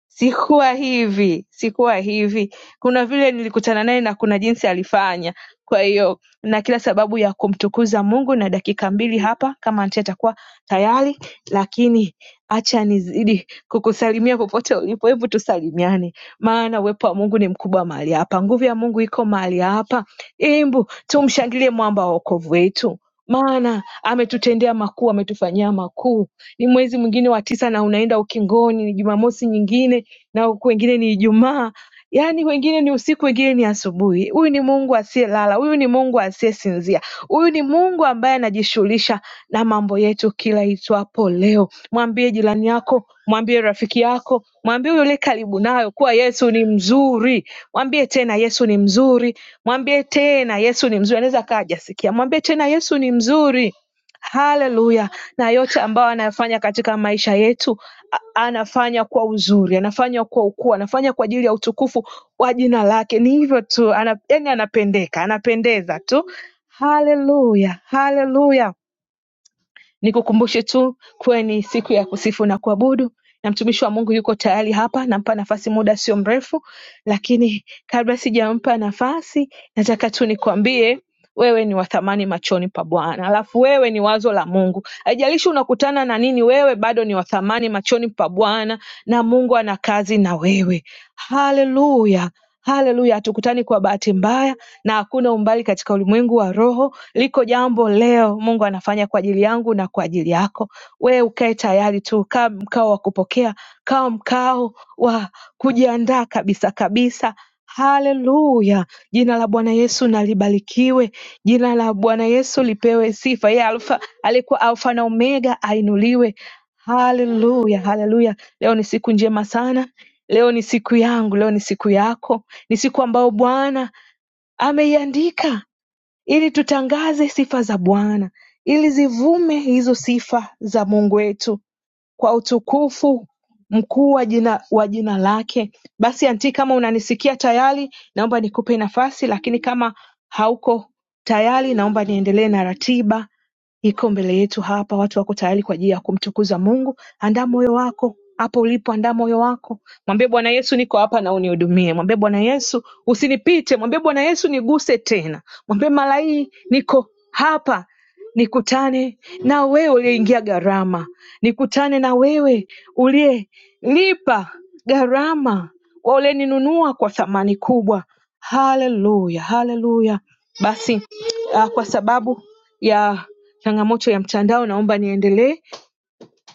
Speaker 1: Sikuwa hivi, sikuwa hivi. Kuna vile nilikutana naye na kuna jinsi alifanya. Kwa hiyo na kila sababu ya kumtukuza Mungu na dakika mbili hapa kama Anti atakuwa tayari, lakini acha nizidi kukusalimia popote ulipo. Hebu tusalimiane, maana uwepo wa Mungu ni mkubwa mahali hapa, nguvu ya Mungu iko mahali hapa. Hebu tumshangilie mwamba wa wokovu wetu, maana ametutendea makuu, ametufanyia makuu. Ni mwezi mwingine wa tisa na unaenda ukingoni, ni Jumamosi nyingine na huku wengine ni Ijumaa, yaani wengine ni usiku, wengine ni asubuhi. Huyu ni Mungu asiyelala, huyu ni Mungu asiyesinzia, huyu ni Mungu ambaye anajishughulisha na mambo yetu kila itwapo leo. Mwambie jirani yako, mwambie rafiki yako, mwambie yule karibu nayo kuwa Yesu ni mzuri. Mwambie tena Yesu ni mzuri, mwambie tena Yesu ni mzuri. Anaweza akawa hajasikia, mwambie tena Yesu ni mzuri. Haleluya! Na yote ambayo anayafanya katika maisha yetu a- anafanya kwa uzuri, anafanya kwa ukuu, anafanya kwa ajili ya utukufu wa jina lake. Ni hivyo tu, ana, yani anapendeka, anapendeza tu. Haleluya, haleluya. Nikukumbushe tu kuwa ni siku ya kusifu na kuabudu na mtumishi wa Mungu yuko tayari hapa, nampa nafasi muda sio mrefu, lakini kabla sijampa nafasi, nataka tu nikwambie wewe ni wa thamani machoni pa Bwana, alafu wewe ni wazo la Mungu. Haijalishi unakutana na nini, wewe bado ni wa thamani machoni pa Bwana na Mungu ana kazi na wewe. Haleluya, haleluya! Hatukutani kwa bahati mbaya na hakuna umbali katika ulimwengu wa roho. Liko jambo leo Mungu anafanya kwa ajili yangu na kwa ajili yako. Wewe ukae tayari tu, kaa mkao wa kupokea, kaa mkao wa kujiandaa kabisa kabisa. Haleluya! Jina la Bwana Yesu na libarikiwe. Jina la Bwana Yesu lipewe sifa. Yeye Alfa aliyekuwa Alfa na Omega ainuliwe. Haleluya, haleluya! Leo ni siku njema sana. Leo ni siku yangu, leo ni siku yako, ni siku ambayo Bwana ameiandika ili tutangaze sifa za Bwana, ili zivume hizo sifa za Mungu wetu kwa utukufu mkuu wa jina, wa jina lake. Basi anti, kama unanisikia tayari, naomba nikupe nafasi, lakini kama hauko tayari, naomba niendelee na ratiba Iko mbele yetu hapa watu wako tayari kwa ajili ya kumtukuza Mungu. Andaa moyo wako hapo ulipo, andaa moyo wako, mwambie Bwana Yesu, niko hapa na unihudumie. Mwambie Bwana Yesu, usinipite. Mwambie Bwana Yesu, niguse tena. Mwambie mara hii niko hapa, nikutane na wewe uliyeingia gharama, nikutane na wewe uliyelipa gharama, wa uliyeninunua kwa thamani kubwa. Haleluya, haleluya! Basi ah, kwa sababu ya changamoto ya mtandao naomba niendelee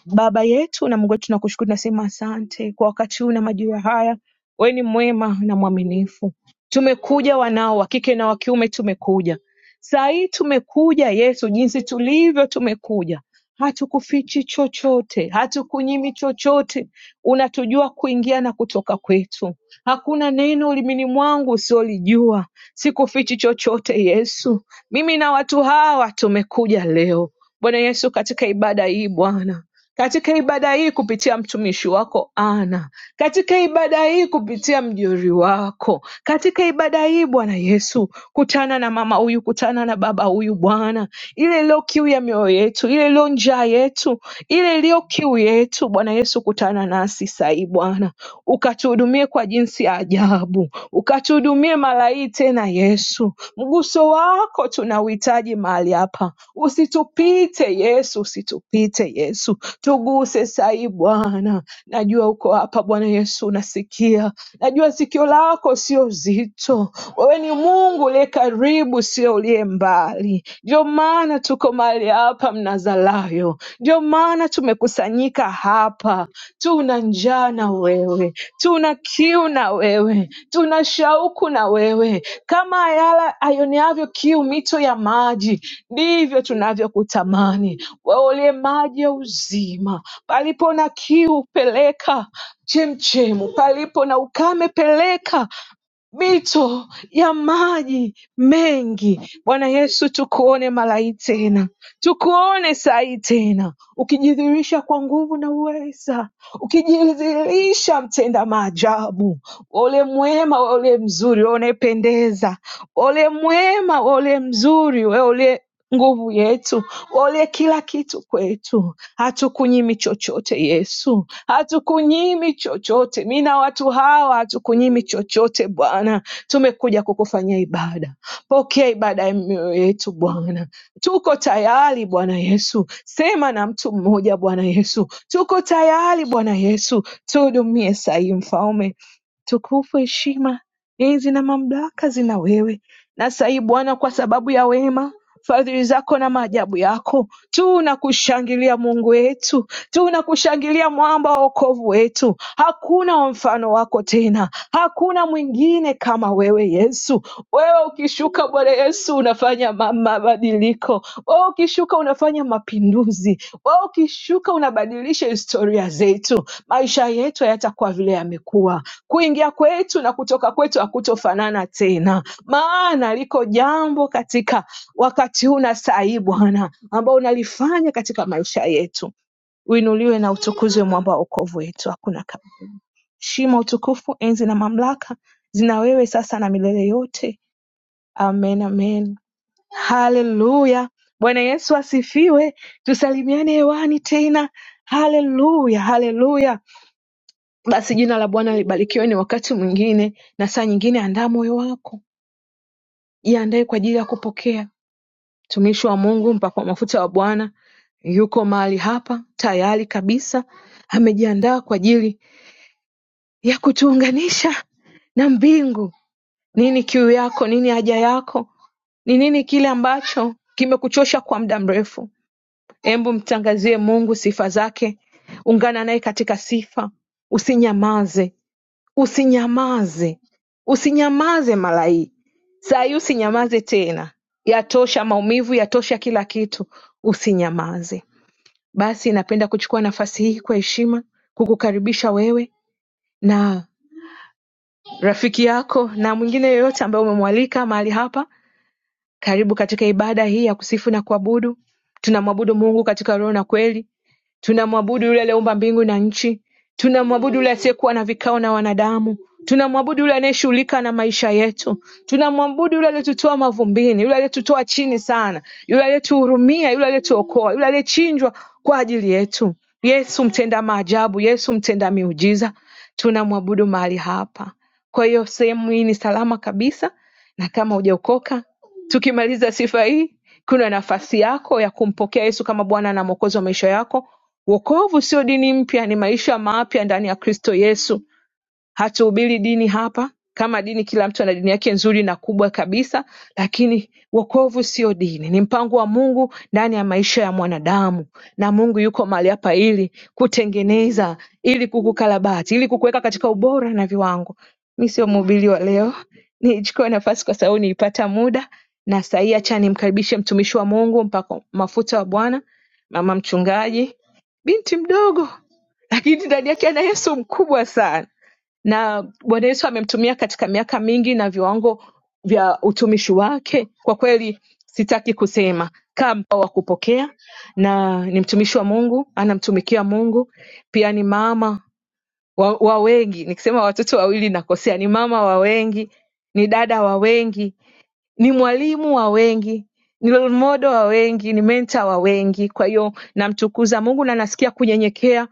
Speaker 1: Baba yetu na Mungu wetu, tunakushukuru, tunasema asante kwa wakati huu na majira haya. Wewe ni mwema na mwaminifu. Tumekuja wanao wa kike na wa kiume, tumekuja saa hii, tumekuja Yesu, jinsi tulivyo, tumekuja hatukufichi chochote, hatukunyimi chochote. Unatujua kuingia na kutoka kwetu, hakuna neno ulimini mwangu usiolijua. Sikufichi chochote Yesu, mimi na watu hawa tumekuja leo Bwana Yesu, katika ibada hii Bwana katika ibada hii kupitia mtumishi wako Ana, katika ibada hii kupitia mjori wako, katika ibada hii Bwana Yesu, kutana na mama huyu, kutana na baba huyu Bwana, ile iliyo kiu ya mioyo yetu, ile iliyo njaa yetu, ile iliyo kiu yetu Bwana Yesu, kutana nasi sahii Bwana ukatuhudumie kwa jinsi ya ajabu, ukatuhudumie mara hii tena Yesu. Mguso wako tunauhitaji mahali hapa, usitupite Yesu, usitupite Yesu, tuguse sahii Bwana. Najua uko hapa Bwana Yesu, unasikia, najua sikio lako sio zito. Wewe ni Mungu uliye karibu, sio uliye mbali. Ndio maana tuko mahali hapa Mnazarayo, ndio maana tumekusanyika hapa tuna njaa na wewe, tuna kiu na wewe, tuna shauku na wewe. Kama ayala aioneavyo kiu mito ya maji, ndivyo tunavyokutamani wewe, uliye maji ya uzima. Palipo na kiu, peleka chemchemu, palipo na ukame, peleka mito ya maji mengi. Bwana Yesu, tukuone malai tena, tukuone sai tena, ukijidhihirisha kwa nguvu na uweza, ukijidhihirisha mtenda maajabu, ole mwema, ole mzuri, ole unayependeza, ole mwema, ole mzuri, nguvu yetu, ulie kila kitu kwetu, hatukunyimi chochote Yesu, hatukunyimi chochote. Mi na watu hawa hatukunyimi chochote Bwana, tumekuja kukufanyia ibada. Pokea ibada ya mioyo yetu Bwana, tuko tayari Bwana Yesu, sema na mtu mmoja Bwana Yesu, tuko tayari Bwana Yesu, tuhudumie sahihi Mfalme, Tukufu, heshima, enzi na mamlaka zina wewe. Na saa hii Bwana, kwa sababu ya wema, fadhili zako na maajabu yako, tunakushangilia Mungu wetu, tunakushangilia mwamba wa wokovu wetu. Hakuna wa mfano wako tena, hakuna mwingine kama wewe Yesu. Wewe ukishuka Bwana Yesu unafanya ma- mabadiliko, wewe ukishuka unafanya mapinduzi, wewe ukishuka unabadilisha historia zetu. Maisha yetu hayatakuwa vile yamekuwa Kuingia kwetu na kutoka kwetu hakutofanana tena, maana liko jambo katika wakati huu na saa hii Bwana ambao unalifanya katika maisha yetu. Uinuliwe na utukuzwe mwamba wa wokovu wetu. Hakuna kama shima, utukufu, enzi na mamlaka zina wewe sasa na milele yote. Amen, amen. Haleluya. Bwana Yesu asifiwe. Tusalimiane hewani tena. Haleluya, haleluya. Basi jina la Bwana libarikiwe. Ni wakati mwingine na saa nyingine, andaa moyo wako, jiandae kwa ajili ya kupokea. Mtumishi wa Mungu, mpakwa mafuta wa Bwana, yuko mahali hapa tayari kabisa, amejiandaa kwa ajili ya kutuunganisha na mbingu. Nini kiu yako? Nini haja yako? Ni nini kile ambacho kimekuchosha kwa muda mrefu? Hebu mtangazie Mungu sifa zake, ungana naye katika sifa, usinyamaze. Usinyamaze, usinyamaze malai, saa hii usinyamaze tena, yatosha maumivu, yatosha kila kitu, usinyamaze. Basi napenda kuchukua nafasi hii kwa heshima kukukaribisha wewe na rafiki yako na mwingine yoyote ambaye umemwalika mahali hapa karibu katika ibada hii ya kusifu na kuabudu, tunamwabudu Mungu katika roho na kweli. Tunamwabudu yule aliyeumba mbingu na nchi. Tunamwabudu yule asiyekuwa na vikao na wanadamu. Tunamwabudu yule anayeshughulika na maisha yetu. Tunamwabudu yule aliyetutoa mavumbini, yule aliyetutoa chini sana, yule aliyetuhurumia, yule aliyetuokoa, yule aliyechinjwa kwa ajili yetu. Yesu mtenda maajabu, Yesu mtenda miujiza, tunamwabudu mahali hapa. Kwa hiyo sehemu hii ni salama kabisa, na kama hujaokoka Tukimaliza sifa hii, kuna nafasi yako ya kumpokea Yesu kama Bwana na Mwokozi wa maisha yako. Wokovu sio dini mpya, ni maisha mapya ndani ya Kristo Yesu hatuhubiri dini hapa kama dini kila mtu ana dini yake nzuri na kubwa kabisa lakini wokovu sio dini ni mpango wa mungu ndani ya maisha ya mwanadamu na mungu yuko mahali hapa ili kutengeneza ili kukukarabati ili kukuweka katika ubora na viwango mi sio mhubiri wa leo nichukue nafasi kwa sababu niipata muda na sahii hacha nimkaribishe mtumishi wa mungu mpaka mafuta wa bwana mama mchungaji binti mdogo lakini ndani yake ana yesu mkubwa sana na Bwana Yesu amemtumia katika miaka mingi na viwango vya utumishi wake. Kwa kweli sitaki kusema kama wa kupokea, na ni mtumishi wa Mungu, anamtumikia Mungu, pia ni mama wa, wa wengi. Nikisema watoto wawili nakosea, ni mama wa wengi, ni dada wa wengi, ni mwalimu wa wengi ni role model wa wengi ni mentor wa wengi kwa hiyo namtukuza mungu na nasikia kunyenyekea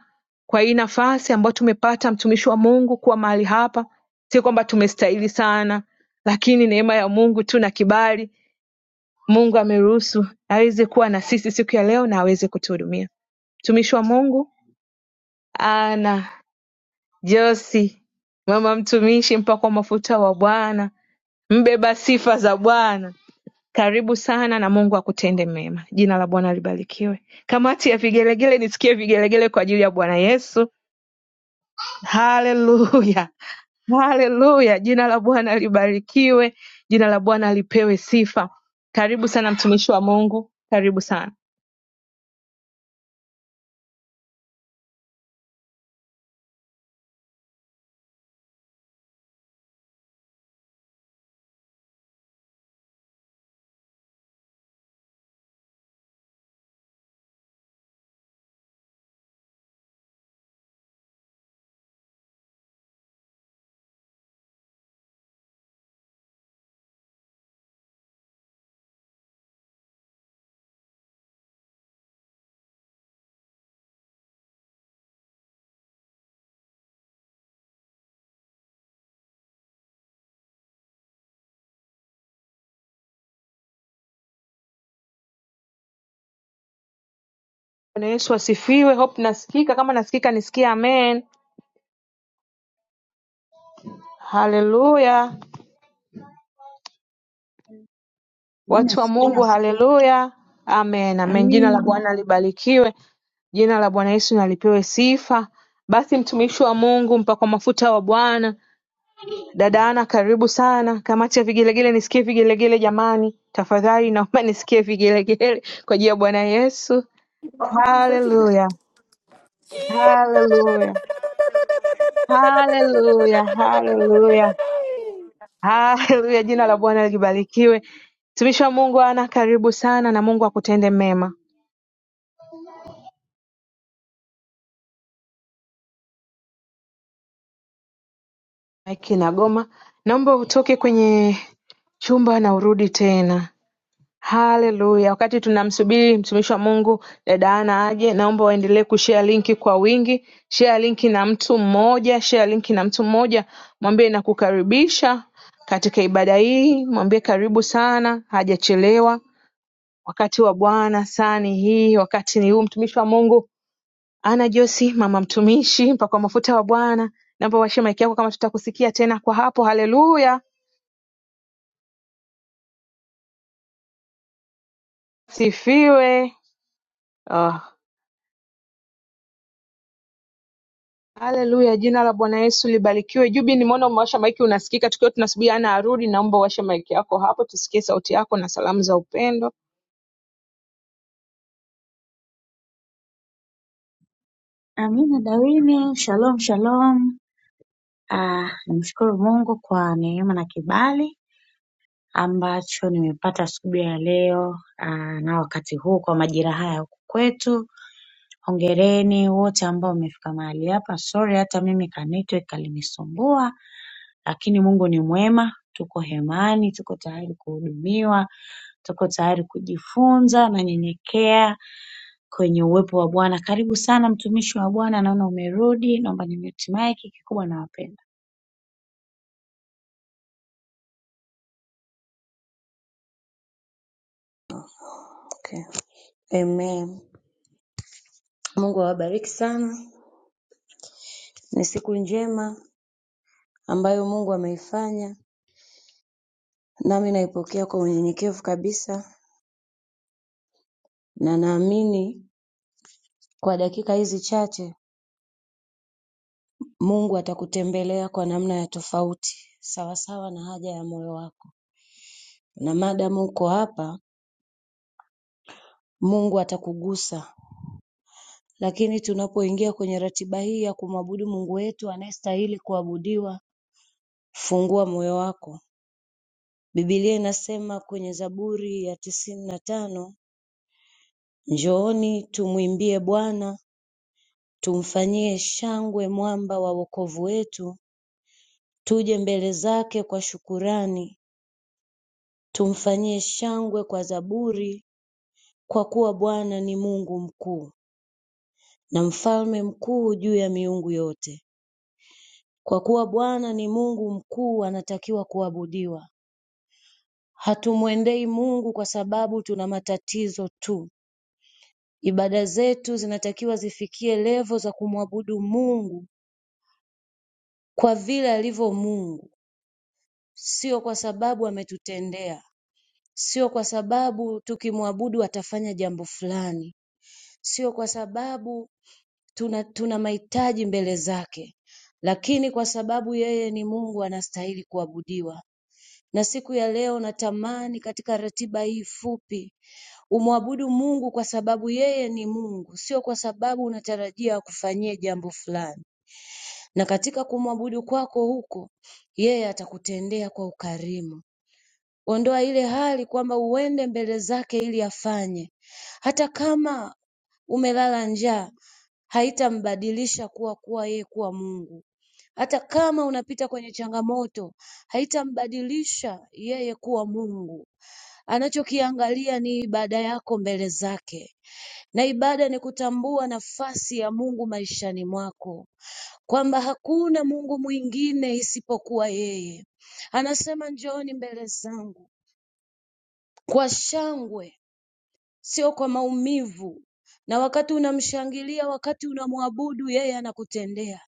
Speaker 1: kwa hii nafasi ambayo tumepata mtumishi wa mungu kuwa mahali hapa si kwamba tumestahili sana lakini neema ya mungu tu na kibali mungu ameruhusu aweze kuwa na sisi siku ya leo na aweze kutuhudumia mtumishi wa mungu ana josi mama mtumishi mpakwa mafuta wa bwana mbeba sifa za bwana Karibu sana na Mungu akutende mema. Jina la Bwana libarikiwe. Kamati ya vigelegele, nisikie vigelegele kwa ajili ya Bwana Yesu. Haleluya, haleluya! Jina la Bwana libarikiwe, jina la Bwana lipewe sifa. Karibu sana mtumishi wa Mungu, karibu sana. Bwana Yesu asifiwe. Hope nasikika, kama nasikika nisikie amen. Haleluya,
Speaker 6: Mimi
Speaker 1: watu wa Mungu,
Speaker 6: nasikia.
Speaker 1: haleluya, amen, amen. Jina la
Speaker 6: Amin.
Speaker 1: Bwana libarikiwe. Jina la Bwana Yesu na lipewe sifa. Basi mtumishi wa Mungu mpakwa mafuta wa Bwana, dada Ana, karibu sana. Kamati ya vigelegele, nisikie vigelegele jamani, tafadhali naomba nisikie vigelegele kwa ajili ya Bwana Yesu. Haleluya, haleluya, haleluya, haleluya, haleluya. Jina la Bwana libarikiwe. Mtumishi wa Mungu Ana, karibu sana na Mungu akutende mema. Maiki Nagoma, naomba utoke kwenye chumba na urudi tena. Hallelujah. Wakati tunamsubiri mtumishi wa Mungu dada Ana aje, naomba waendelee kushare linki kwa wingi. Share linki na mtu mmoja, share linki na mtu mmoja, mwambie nakukaribisha katika ibada hii, mwambie karibu sana, hajachelewa. Wakati wa Bwana saa ni hii, wakati ni huu. Mtumishi wa Mungu Ana Josi, mama mtumishi, mpakwa mafuta wa Bwana, naomba washe maiki yako kama tutakusikia tena kwa hapo. Haleluya, sifiwe. Oh. Haleluya jina la Bwana Yesu libarikiwe. Jubi nimeona umewasha maiki unasikika tukiwa tunasubiri Ana arudi naomba uwashe maiki yako hapo tusikie sauti yako na salamu za upendo.
Speaker 6: Amina Dawini, shalom shalom. Ah, namshukuru Mungu kwa neema na kibali ambacho nimepata asubuhi ya leo ah, na wakati huu kwa majira haya huku kwetu. Hongereni wote ambao mmefika mahali hapa. Sorry hata mimi ka network kalinisumbua, lakini Mungu ni mwema. Tuko hemani, tuko tayari kuhudumiwa, tuko tayari kujifunza. Nanyenyekea kwenye uwepo wa Bwana. Karibu sana mtumishi wa Bwana, naona umerudi, naomba nimute mic, kikubwa nawapenda.
Speaker 7: Okay. Amen. Mungu awabariki sana. Ni siku njema ambayo Mungu ameifanya, nami naipokea kwa unyenyekevu kabisa, na naamini kwa dakika hizi chache Mungu atakutembelea kwa namna ya tofauti, sawasawa na haja ya moyo wako. Na madamu uko hapa, Mungu atakugusa. Lakini tunapoingia kwenye ratiba hii ya kumwabudu Mungu wetu anayestahili kuabudiwa, fungua moyo wako Biblia inasema kwenye Zaburi ya tisini na tano Njooni tumwimbie Bwana, tumfanyie shangwe mwamba wa wokovu wetu, tuje mbele zake kwa shukurani, tumfanyie shangwe kwa zaburi, kwa kuwa Bwana ni Mungu mkuu na mfalme mkuu juu ya miungu yote. Kwa kuwa Bwana ni Mungu mkuu, anatakiwa kuabudiwa. Hatumwendei Mungu kwa sababu tuna matatizo tu, Ibada zetu zinatakiwa zifikie levo za kumwabudu Mungu kwa vile alivyo Mungu, sio kwa sababu ametutendea, sio kwa sababu tukimwabudu atafanya jambo fulani, sio kwa sababu tuna, tuna mahitaji mbele zake, lakini kwa sababu yeye ni Mungu anastahili kuabudiwa. Na siku ya leo natamani katika ratiba hii fupi umwabudu Mungu kwa sababu yeye ni Mungu, sio kwa sababu unatarajia akufanyie jambo fulani. Na katika kumwabudu kwako huko, yeye atakutendea kwa ukarimu. Ondoa ile hali kwamba uende mbele zake ili afanye, hata kama umelala njaa, haitambadilisha kuwa kuwa yeye kuwa Mungu. Hata kama unapita kwenye changamoto, haitambadilisha yeye kuwa Mungu. Anachokiangalia ni ibada yako mbele zake, na ibada ni kutambua nafasi ya Mungu maishani mwako, kwamba hakuna Mungu mwingine isipokuwa yeye. Anasema, njooni mbele zangu kwa shangwe, sio kwa maumivu. Na wakati unamshangilia, wakati unamwabudu, yeye anakutendea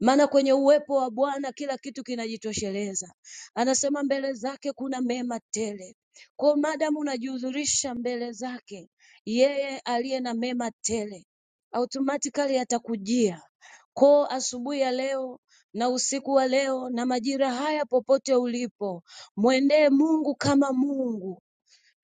Speaker 7: maana kwenye uwepo wa Bwana kila kitu kinajitosheleza. Anasema mbele zake kuna mema tele. Kwa hiyo maadamu unajihudhurisha mbele zake, yeye aliye na mema tele automatically atakujia. Kwa hiyo asubuhi ya leo na usiku wa leo na majira haya, popote ulipo, mwendee Mungu kama Mungu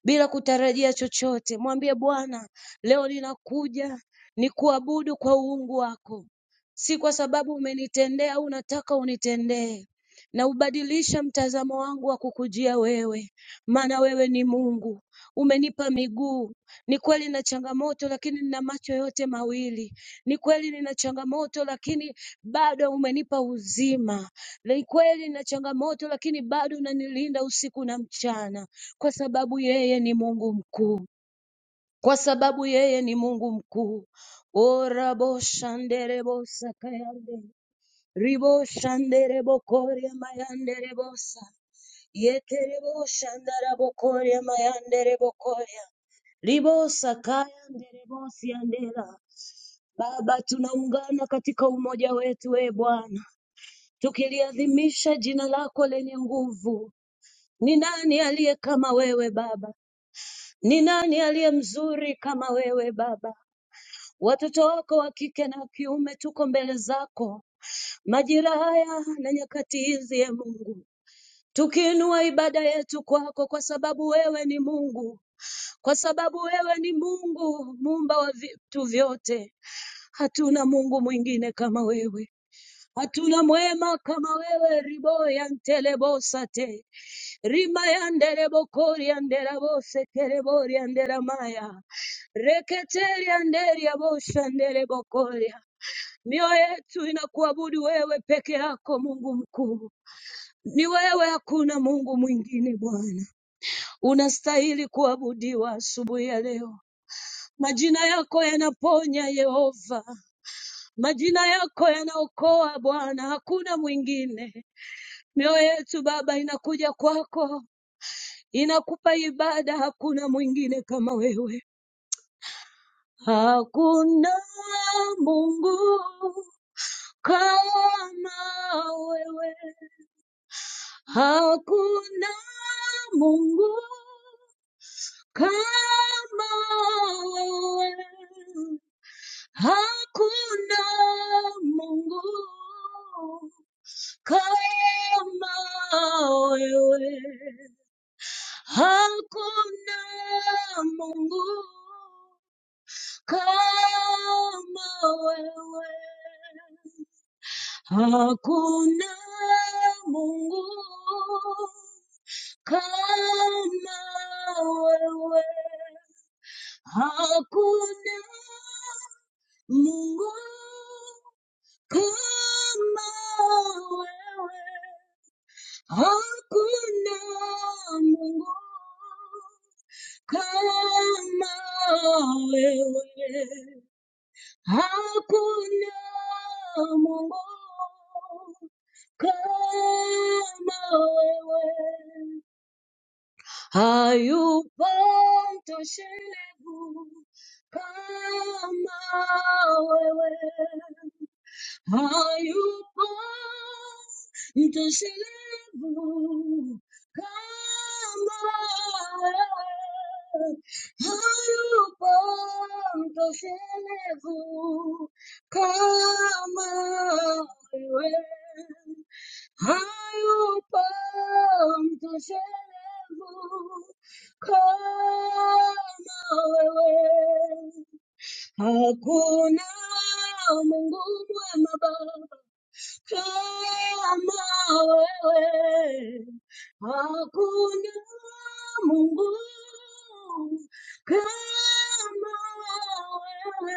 Speaker 7: bila kutarajia chochote. Mwambie Bwana, leo ninakuja nikuabudu kwa uungu wako, si kwa sababu umenitendea au unataka unitendee. Na ubadilisha mtazamo wangu wa kukujia wewe, maana wewe ni Mungu. Umenipa miguu. Ni kweli nina changamoto, lakini nina macho yote mawili. Ni kweli nina changamoto, lakini bado umenipa uzima. Ni kweli nina changamoto, lakini bado unanilinda usiku na mchana kwa sababu yeye ni Mungu mkuu, kwa sababu yeye ni Mungu mkuu. Orabo shanderebo sakayande ribo shanderebo korya mayanderebo sa yeterebo shandarabo korya mayanderebo korya ribo sakayanderebo siandera. Baba, tunaungana katika umoja wetu, e Bwana, tukiliadhimisha jina lako lenye nguvu. Ni nani aliye kama wewe Baba? Ni nani aliye mzuri kama wewe Baba? Watoto wako wa kike na wa kiume tuko mbele zako majira haya na nyakati hizi, ye Mungu, tukiinua ibada yetu kwako, kwa sababu wewe ni Mungu, kwa sababu wewe ni Mungu muumba wa vitu vyote. Hatuna Mungu mwingine kama wewe, hatuna mwema kama wewe, ribo ya ntelebosate Rimayandere bokori andera bose kere bori andera maya. Reketeri anderi ya bosha andere bokoria. Mioyo yetu inakuabudu wewe peke yako Mungu mkuu. Ni wewe, hakuna Mungu mwingine Bwana. Unastahili kuabudiwa asubuhi ya leo. Majina yako yanaponya Yehova. Majina yako yanaokoa Bwana, hakuna mwingine. Mioyo yetu Baba inakuja kwako inakupa ibada. Hakuna mwingine kama wewe, hakuna Mungu kama wewe, hakuna Mungu kama wewe, hakuna Mungu kama wewe, hakuna Mungu kama wewe hakuna Mungu kama wewe hakuna Mungu kama wewe hakuna Mungu kama wewe Hakuna Mungu kama wewe, hayupo mtoshevu kama wewe. hayupo mtoshelevu kama wewe. hayupo mtoshelevu kama wewe hayupo mtoshelevu kama wewe Hakuna Mungu mwema baba kama wewe hakuna Mungu kama wewe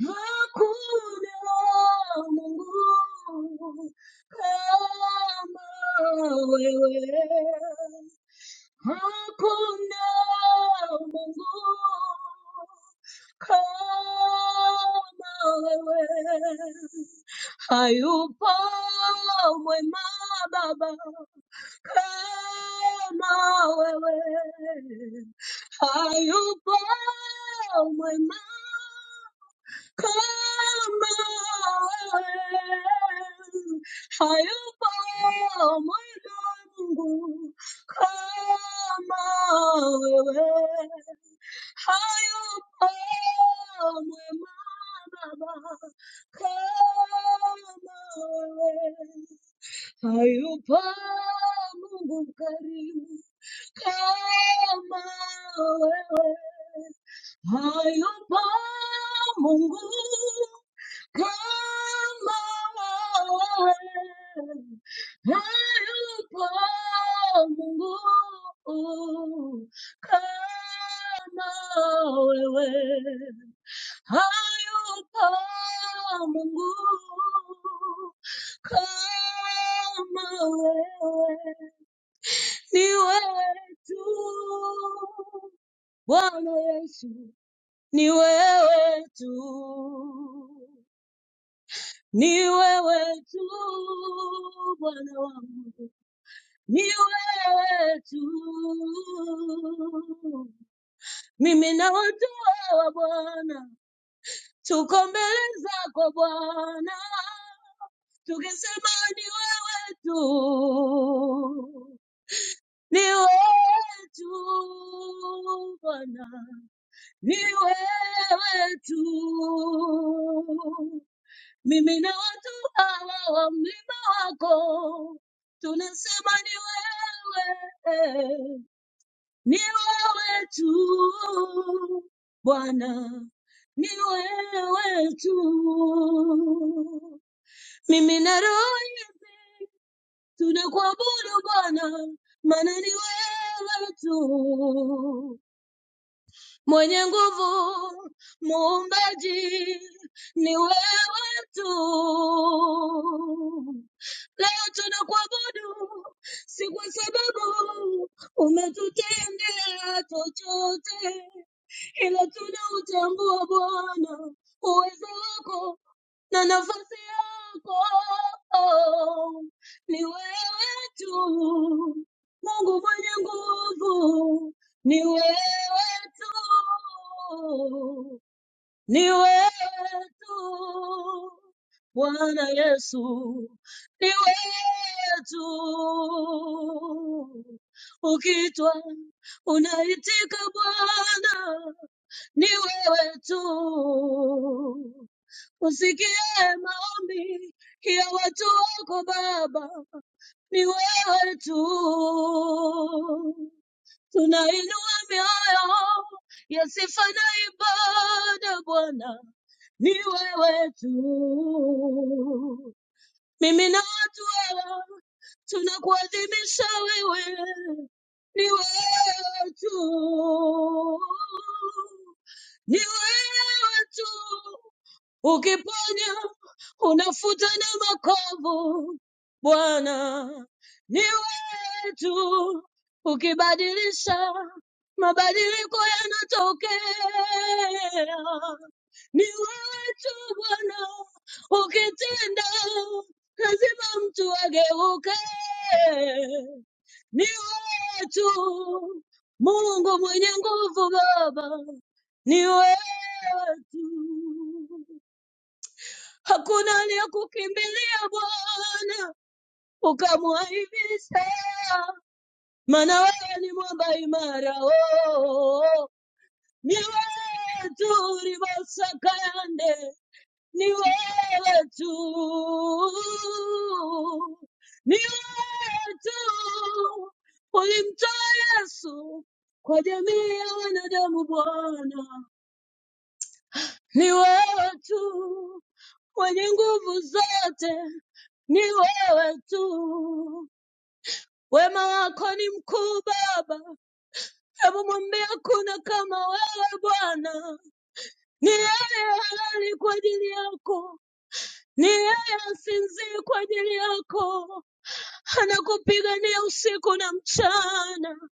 Speaker 7: hakuna Mungu kama wewe hayupo mwema baba kama wewe, hayupo mwema Come on, hayıbam Come on, hayıbam Come on, hayıbam Mungu karimu. Come on, hayıbam Mungu Come on, ayupamu. Come on, ayupamu. Kama wewe ni wewe tu Bwana Yesu ni wewe tu Ni wewe tu Bwana wangu, ni wewe tu. Mimi na watu wa Bwana tuko mbele zako Bwana, tukisema ni wewe tu, ni wewe tu Bwana, ni wewe tu. Mimi na watu hawa wa mlima wako tunasema ni wewe, ni wewe tu Bwana, ni wewe tu. Mimi na roho hizi tunakuabudu Bwana, maana ni wewe tu. Mwenye nguvu, muumbaji, ni wewe tu. Leo tunakuabudu si kwa sababu umetutendea chochote, ila tunautambua Bwana uwezo wako na nafasi yako ni wewe tu, Mungu mwenye nguvu ni wewe tu, ni wewe tu Bwana Yesu, ni wewe tu ukitwa unaitika Bwana ni wewe tu. Usikie maombi ya watu wako Baba, ni wewe tu. Tunainua mioyo ya sifa na ibada Bwana, ni wewe tu. Mimi na watu hawa tunakuadhimisha wewe, ni wewe tu ni wewe tu Ukiponya unafuta na makovu, Bwana ni wewe tu. Ukibadilisha mabadiliko yanatokea, ni wewe tu Bwana. Ukitenda lazima mtu ageuke, ni wewe tu Mungu mwenye nguvu Baba, ni wewe tu hakuna aliyekukimbilia Bwana ukamwaibisha, maana wewe ni mwamba imara. Oh, ni wewe tu ribosakande, ni wewe tu, ni wewe tu ulimtoa Yesu kwa jamii ya wanadamu Bwana, ni wewe tu wenye nguvu zote ni wewe tu. Wema wako ni mkuu Baba, hebu mwambie hakuna kama wewe Bwana. Ni yeye halali kwa ajili yako, ni yeye asinzii kwa ajili yako, anakupigania usiku na mchana.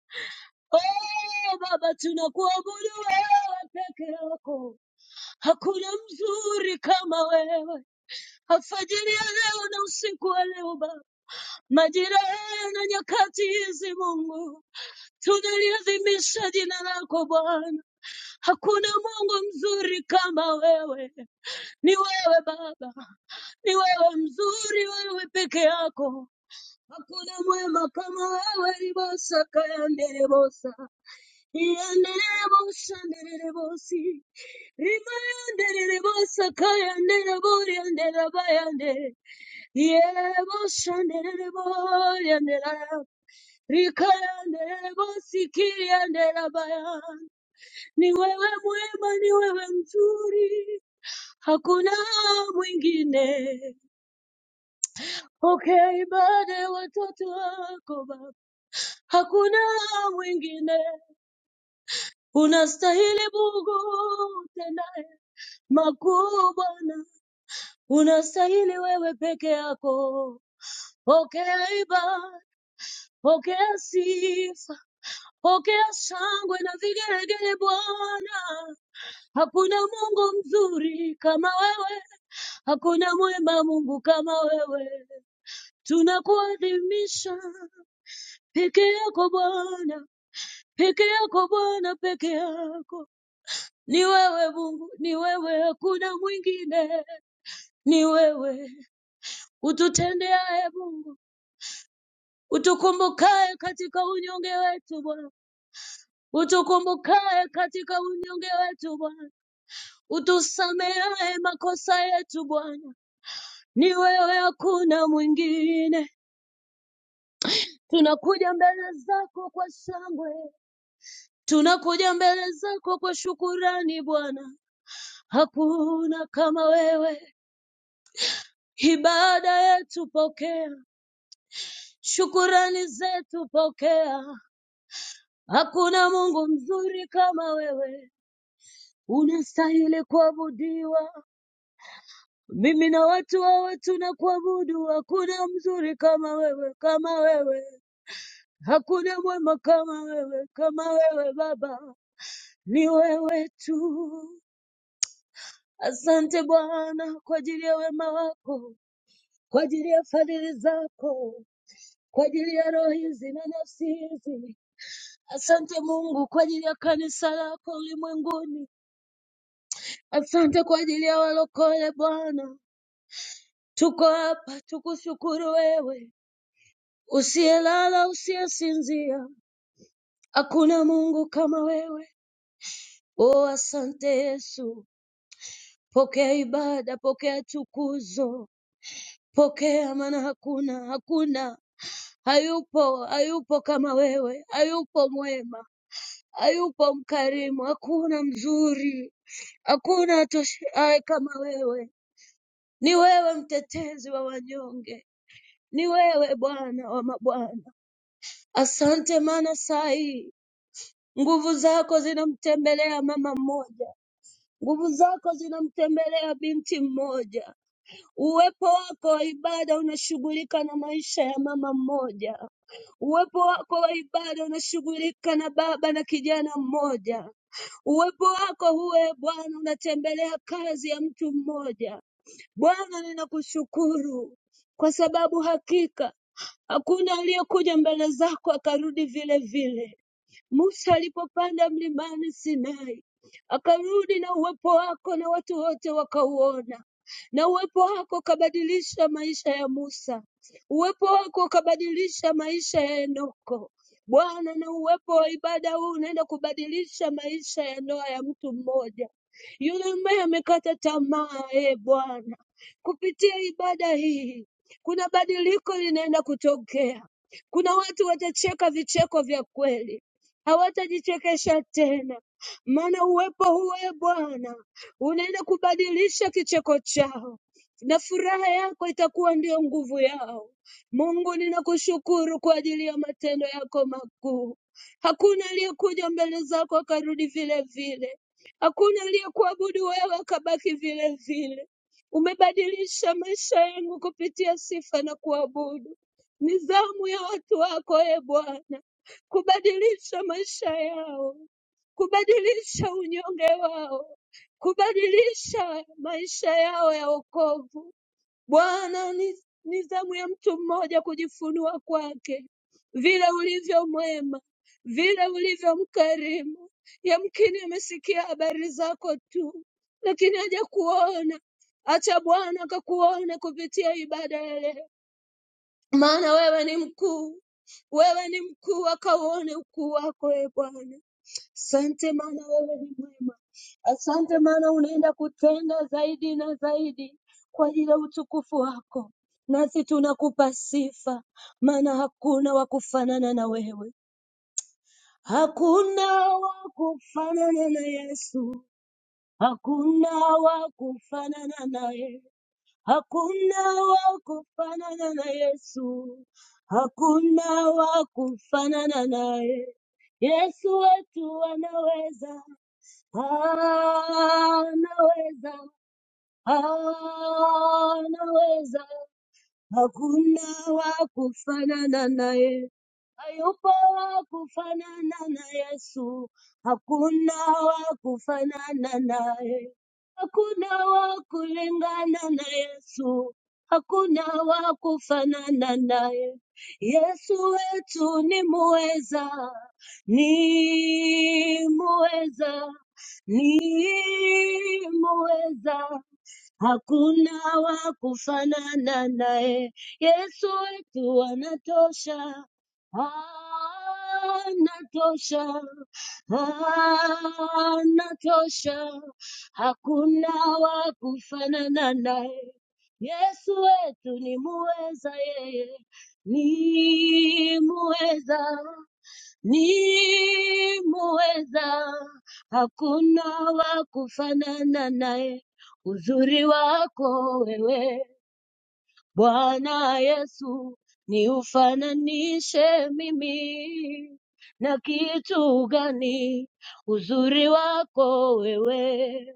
Speaker 7: Oh Baba, tunakuabudu wewe peke yako, hakuna mzuri kama wewe. Alfajiri ya leo na usiku wa leo Baba Majira na nyakati hizi Mungu, tunaliadhimisha jina lako Bwana. Hakuna Mungu mzuri kama wewe, ni wewe Baba, ni wewe mzuri, wewe peke yako. Hakuna mwema kama wewe, ribosa kayanderebosa iyanderebosa nderebosi rimayanderebosa kayandereborianderabayande yebosa ndereboria Rikayande bosikiende rabaya, ni wewe mwema, ni wewe mzuri, hakuna mwingine. Pokea ibada ya watoto wako Baba, hakuna mwingine. Unastahili Mungu utendaye makuu Bwana, unastahili wewe peke yako. Pokea ibada, pokea sifa, pokea shangwe na vigelegele Bwana. Hakuna Mungu mzuri kama wewe, hakuna mwema Mungu kama wewe. Tunakuadhimisha peke yako Bwana, peke yako Bwana, peke yako. Ni wewe Mungu, ni wewe, hakuna mwingine, ni wewe ututendeaye Mungu, utukumbukaye katika unyonge wetu Bwana, utukumbukaye katika unyonge wetu Bwana, utusamehaye makosa yetu Bwana ni wewe, hakuna mwingine. Tunakuja mbele zako kwa shangwe, tunakuja mbele zako kwa shukurani. Bwana, hakuna kama wewe. Ibada yetu pokea, shukurani zetu pokea. Hakuna Mungu mzuri kama wewe, unastahili kuabudiwa. Mimi na watu wawe tunakuabudu, hakuna mzuri kama wewe, kama wewe. Hakuna mwema kama wewe, kama wewe Baba, ni wewe tu. Asante Bwana kwa ajili ya wema wako, kwa ajili ya fadhili zako, kwa ajili ya roho hizi na nafsi hizi. Asante Mungu kwa ajili ya kanisa lako ulimwenguni. Asante kwa ajili ya walokole Bwana. Tuko hapa tukushukuru wewe, usiyelala, usiyesinzia. Hakuna Mungu kama wewe. Oh, asante Yesu. Pokea ibada, pokea tukuzo, pokea, maana hakuna, hakuna, hayupo, hayupo kama wewe, hayupo mwema, hayupo mkarimu, hakuna mzuri, hakuna atoshaye kama wewe. Ni wewe mtetezi wa wanyonge, ni wewe Bwana wa mabwana. Asante, maana saa hii nguvu zako zinamtembelea mama mmoja, nguvu zako zinamtembelea binti mmoja Uwepo wako wa ibada unashughulika na maisha ya mama mmoja. Uwepo wako wa ibada unashughulika na baba na kijana mmoja. Uwepo wako huwe Bwana unatembelea kazi ya mtu mmoja. Bwana, ninakushukuru kwa sababu hakika hakuna aliyekuja mbele zako akarudi vile vile. Musa alipopanda mlimani Sinai, akarudi na uwepo wako na watu wote wakauona, na uwepo wako ukabadilisha maisha ya Musa, uwepo wako ukabadilisha maisha ya Enoko. Bwana, na uwepo wa ibada huu unaenda kubadilisha maisha ya ndoa ya mtu mmoja yule ambaye amekata tamaa. E Bwana, kupitia ibada hii kuna badiliko linaenda kutokea. Kuna watu watacheka vicheko vya kweli hawatajichekesha tena, maana uwepo huu e Bwana unaenda kubadilisha kicheko chao na furaha yako itakuwa ndiyo nguvu yao. Mungu, ninakushukuru kwa ajili ya matendo yako makuu. Hakuna aliyekuja mbele zako akarudi vile vile, hakuna aliyekuabudu wewe akabaki vile vile. Umebadilisha maisha yangu kupitia sifa na kuabudu. Ni zamu ya watu wako e Bwana kubadilisha maisha yao, kubadilisha unyonge wao, kubadilisha maisha yao ya wokovu. Bwana, ni, ni zamu ya mtu mmoja kujifunua kwake, vile ulivyo mwema, vile ulivyo mkarimu. Yamkini amesikia habari zako tu, lakini hajakuona. Acha Bwana akakuone kupitia ibada ya leo maana wewe ni mkuu, wewe ni mkuu, akauone ukuu wako e Bwana. Asante maana wewe ni mwema, asante maana unaenda kutenda zaidi na zaidi kwa ajili ya utukufu wako, nasi tunakupa sifa, maana hakuna wa kufanana na wewe, hakuna wa kufanana na Yesu, hakuna wa kufanana naye. Hakuna wa kufanana na Yesu, hakuna wa kufanana naye. Yesu wetu anaweza, anaweza, anaweza. Hakuna wa kufanana naye, hayupo wa kufanana na Yesu. Hakuna wa kufanana naye, hakuna wa kulingana na Yesu. Hakuna wa kufanana naye, Yesu wetu ni muweza, ni muweza, ni muweza. Hakuna wa kufanana naye, Yesu wetu anatosha, anatosha, anatosha. Hakuna wa kufanana naye, Yesu wetu ni muweza, yeye ni muweza, ni muweza, hakuna wa kufanana naye. Uzuri wako wewe Bwana Yesu, ni ufananishe mimi na kitu gani? Uzuri wako wewe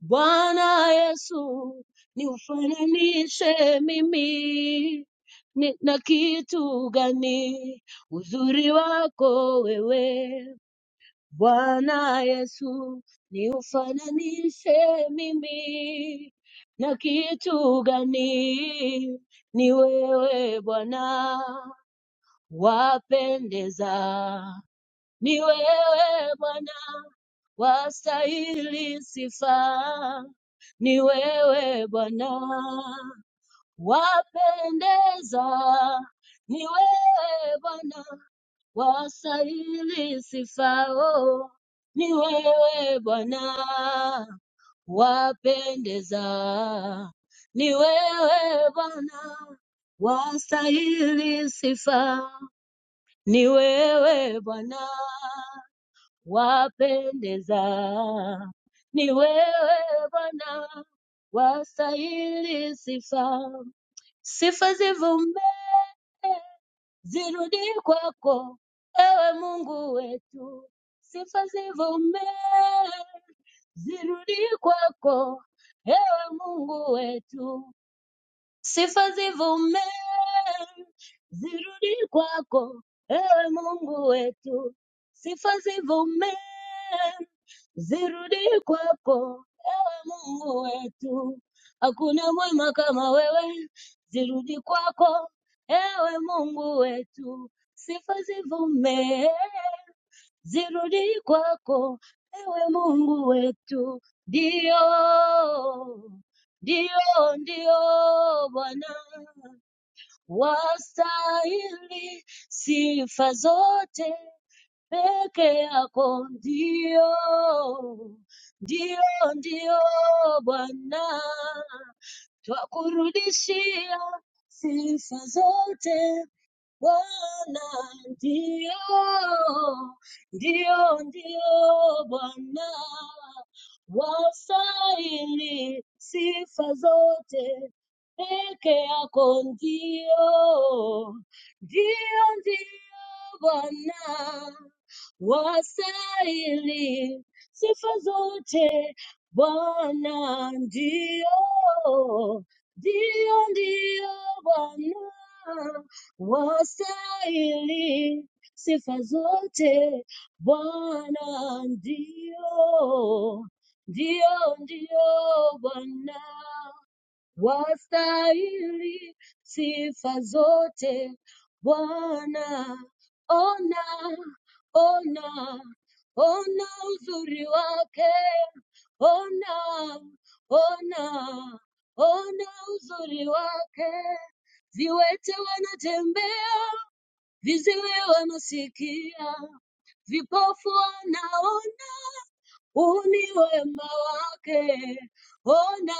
Speaker 7: Bwana Yesu, ni ufananishe mimi ni, na kitu gani? Uzuri wako wewe Bwana Yesu, niufananishe mimi na kitu gani? Ni wewe Bwana wapendeza, ni wewe Bwana wastahili sifa, ni wewe Bwana wapendeza, ni wewe Bwana wastahili sifao ni wewe Bwana wapendeza ni wewe Bwana, wastahili sifa ni wewe Bwana, wapendeza ni wewe Bwana, wastahili sifa Sifa zivume zirudi kwako, ewe Mungu wetu. Sifa zivume zirudi kwako, ewe Mungu wetu sifa zivume zirudi kwako, ewe Mungu wetu. Sifa zivume zirudi kwako, ewe Mungu wetu. Hakuna mwema kama wewe, zirudi kwako, ewe Mungu wetu. Sifa zivume zirudi kwako, ewe Mungu wetu. Ndio, ndio, ndio Bwana, wastahili sifa zote, peke yako ndio, ndio, ndio Bwana, twakurudishia sifa zote Bwana ndio, ndio, ndio Bwana, wastahili sifa zote, peke yako ndio, ndio, ndio Bwana, wastahili sifa zote, Bwana ndio, ndio, ndio Bwana wastahili sifa zote Bwana, ndio ndio ndio Bwana wastahili sifa zote Bwana. Ona, ona, ona uzuri wake, ona, ona, ona uzuri wake. Viwete wanatembea viziwi wamesikia, vipofu wanaona, huu ni wema wake. Ona,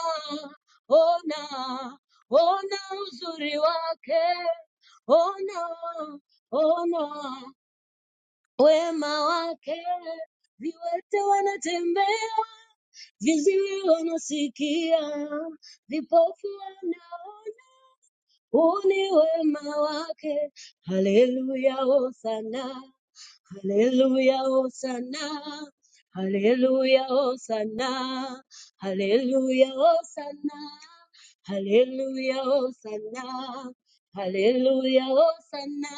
Speaker 7: ona, ona uzuri wake, ona, ona wema wake. Viwete wanatembea, viziwi wanasikia, vipofu wanaona. Huu ni wema wake, haleluya, hosana. Hallelujah, Hosanna. Hallelujah, Hosanna. Hallelujah, Hosanna. Hallelujah, Hosanna. Hallelujah, Hosanna.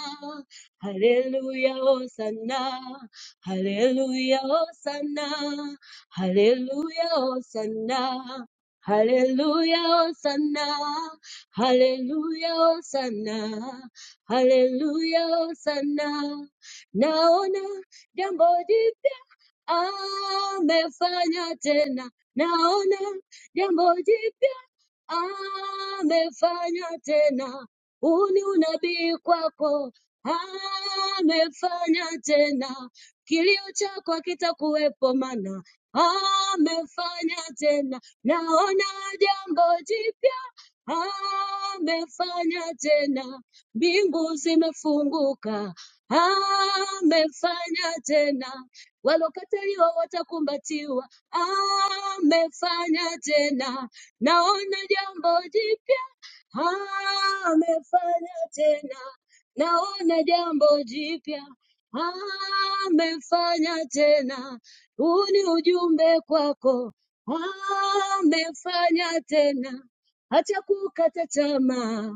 Speaker 7: Hallelujah, Hosanna. Hallelujah, Hosanna. Hallelujah, Hosanna. Hallelujah, Hosanna. Hallelujah, Hosanna. Hallelujah, Hosanna. naona jambo jipya amefanya tena, naona jambo jipya amefanya tena, huu ni unabii kwako, amefanya tena, kilio chako hakitakuwepo mana amefanya tena, naona jambo jipya amefanya tena, mbingu zimefunguka amefanya tena, walokataliwa watakumbatiwa, amefanya tena, naona jambo jipya, amefanya tena, naona jambo jipya, amefanya tena, huu ni ujumbe kwako, amefanya tena, hata kukata tamaa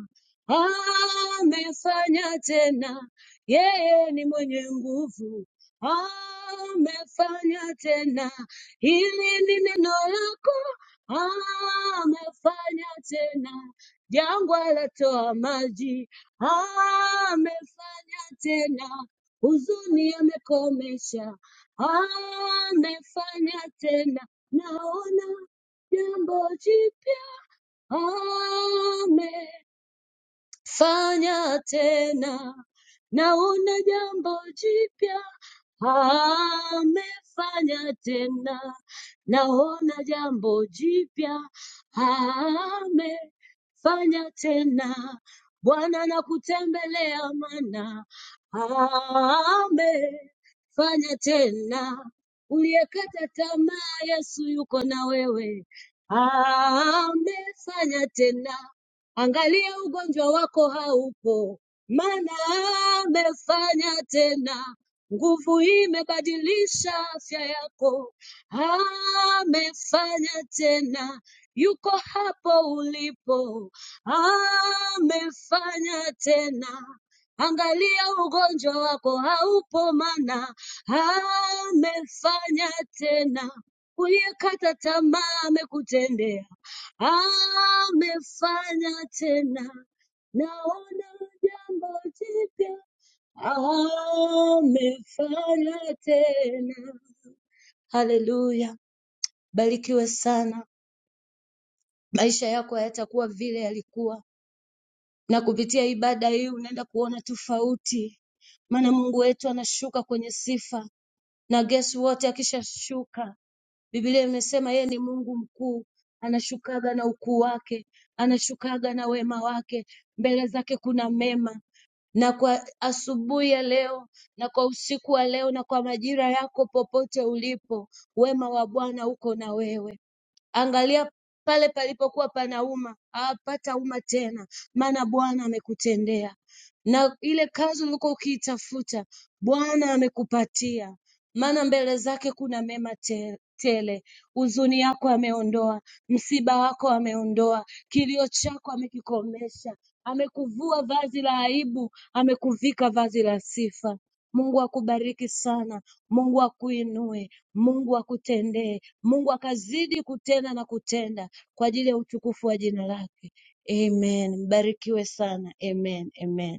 Speaker 7: amefanya tena yeye ni mwenye nguvu, amefanya tena. Hili ni neno lako, amefanya tena. Jangwa latoa maji, amefanya tena. Huzuni amekomesha, amefanya tena. Naona jambo jipya, ame fanya tena, naona jambo jipya, amefanya tena, naona jambo jipya, amefanya tena. Bwana nakutembelea mana, amefanya tena. Uliyekata tamaa, Yesu yuko na wewe, amefanya tena Angalia ugonjwa wako haupo, maana amefanya tena. Nguvu imebadilisha afya yako, amefanya tena. Yuko hapo ulipo, amefanya tena. Angalia ugonjwa wako haupo, maana amefanya tena. Uliyekata tamaa amekutendea amefanya tena, naona jambo jipya, amefanya tena. Haleluya, barikiwe sana. Maisha yako hayatakuwa vile yalikuwa, na kupitia ibada hii unaenda kuona tofauti, maana Mungu wetu anashuka kwenye sifa, na guess what, akishashuka Biblia imesema yeye ni Mungu mkuu, anashukaga na ukuu wake, anashukaga na wema wake, mbele zake kuna mema na kwa asubuhi ya leo na kwa usiku wa leo na kwa majira yako popote ulipo, wema wa Bwana uko na wewe. Angalia pale palipokuwa panauma, hapatauma tena, maana Bwana amekutendea, na ile kazi ulikuwa ukiitafuta Bwana amekupatia maana mbele zake kuna mema te- tele. Huzuni yako ameondoa, msiba wako ameondoa, kilio chako amekikomesha, amekuvua vazi la aibu, amekuvika vazi la sifa. Mungu akubariki sana, Mungu akuinue, Mungu akutendee, Mungu akazidi kutenda na kutenda kwa ajili ya utukufu wa jina lake. Amen. Mbarikiwe sana. Amen. Amen.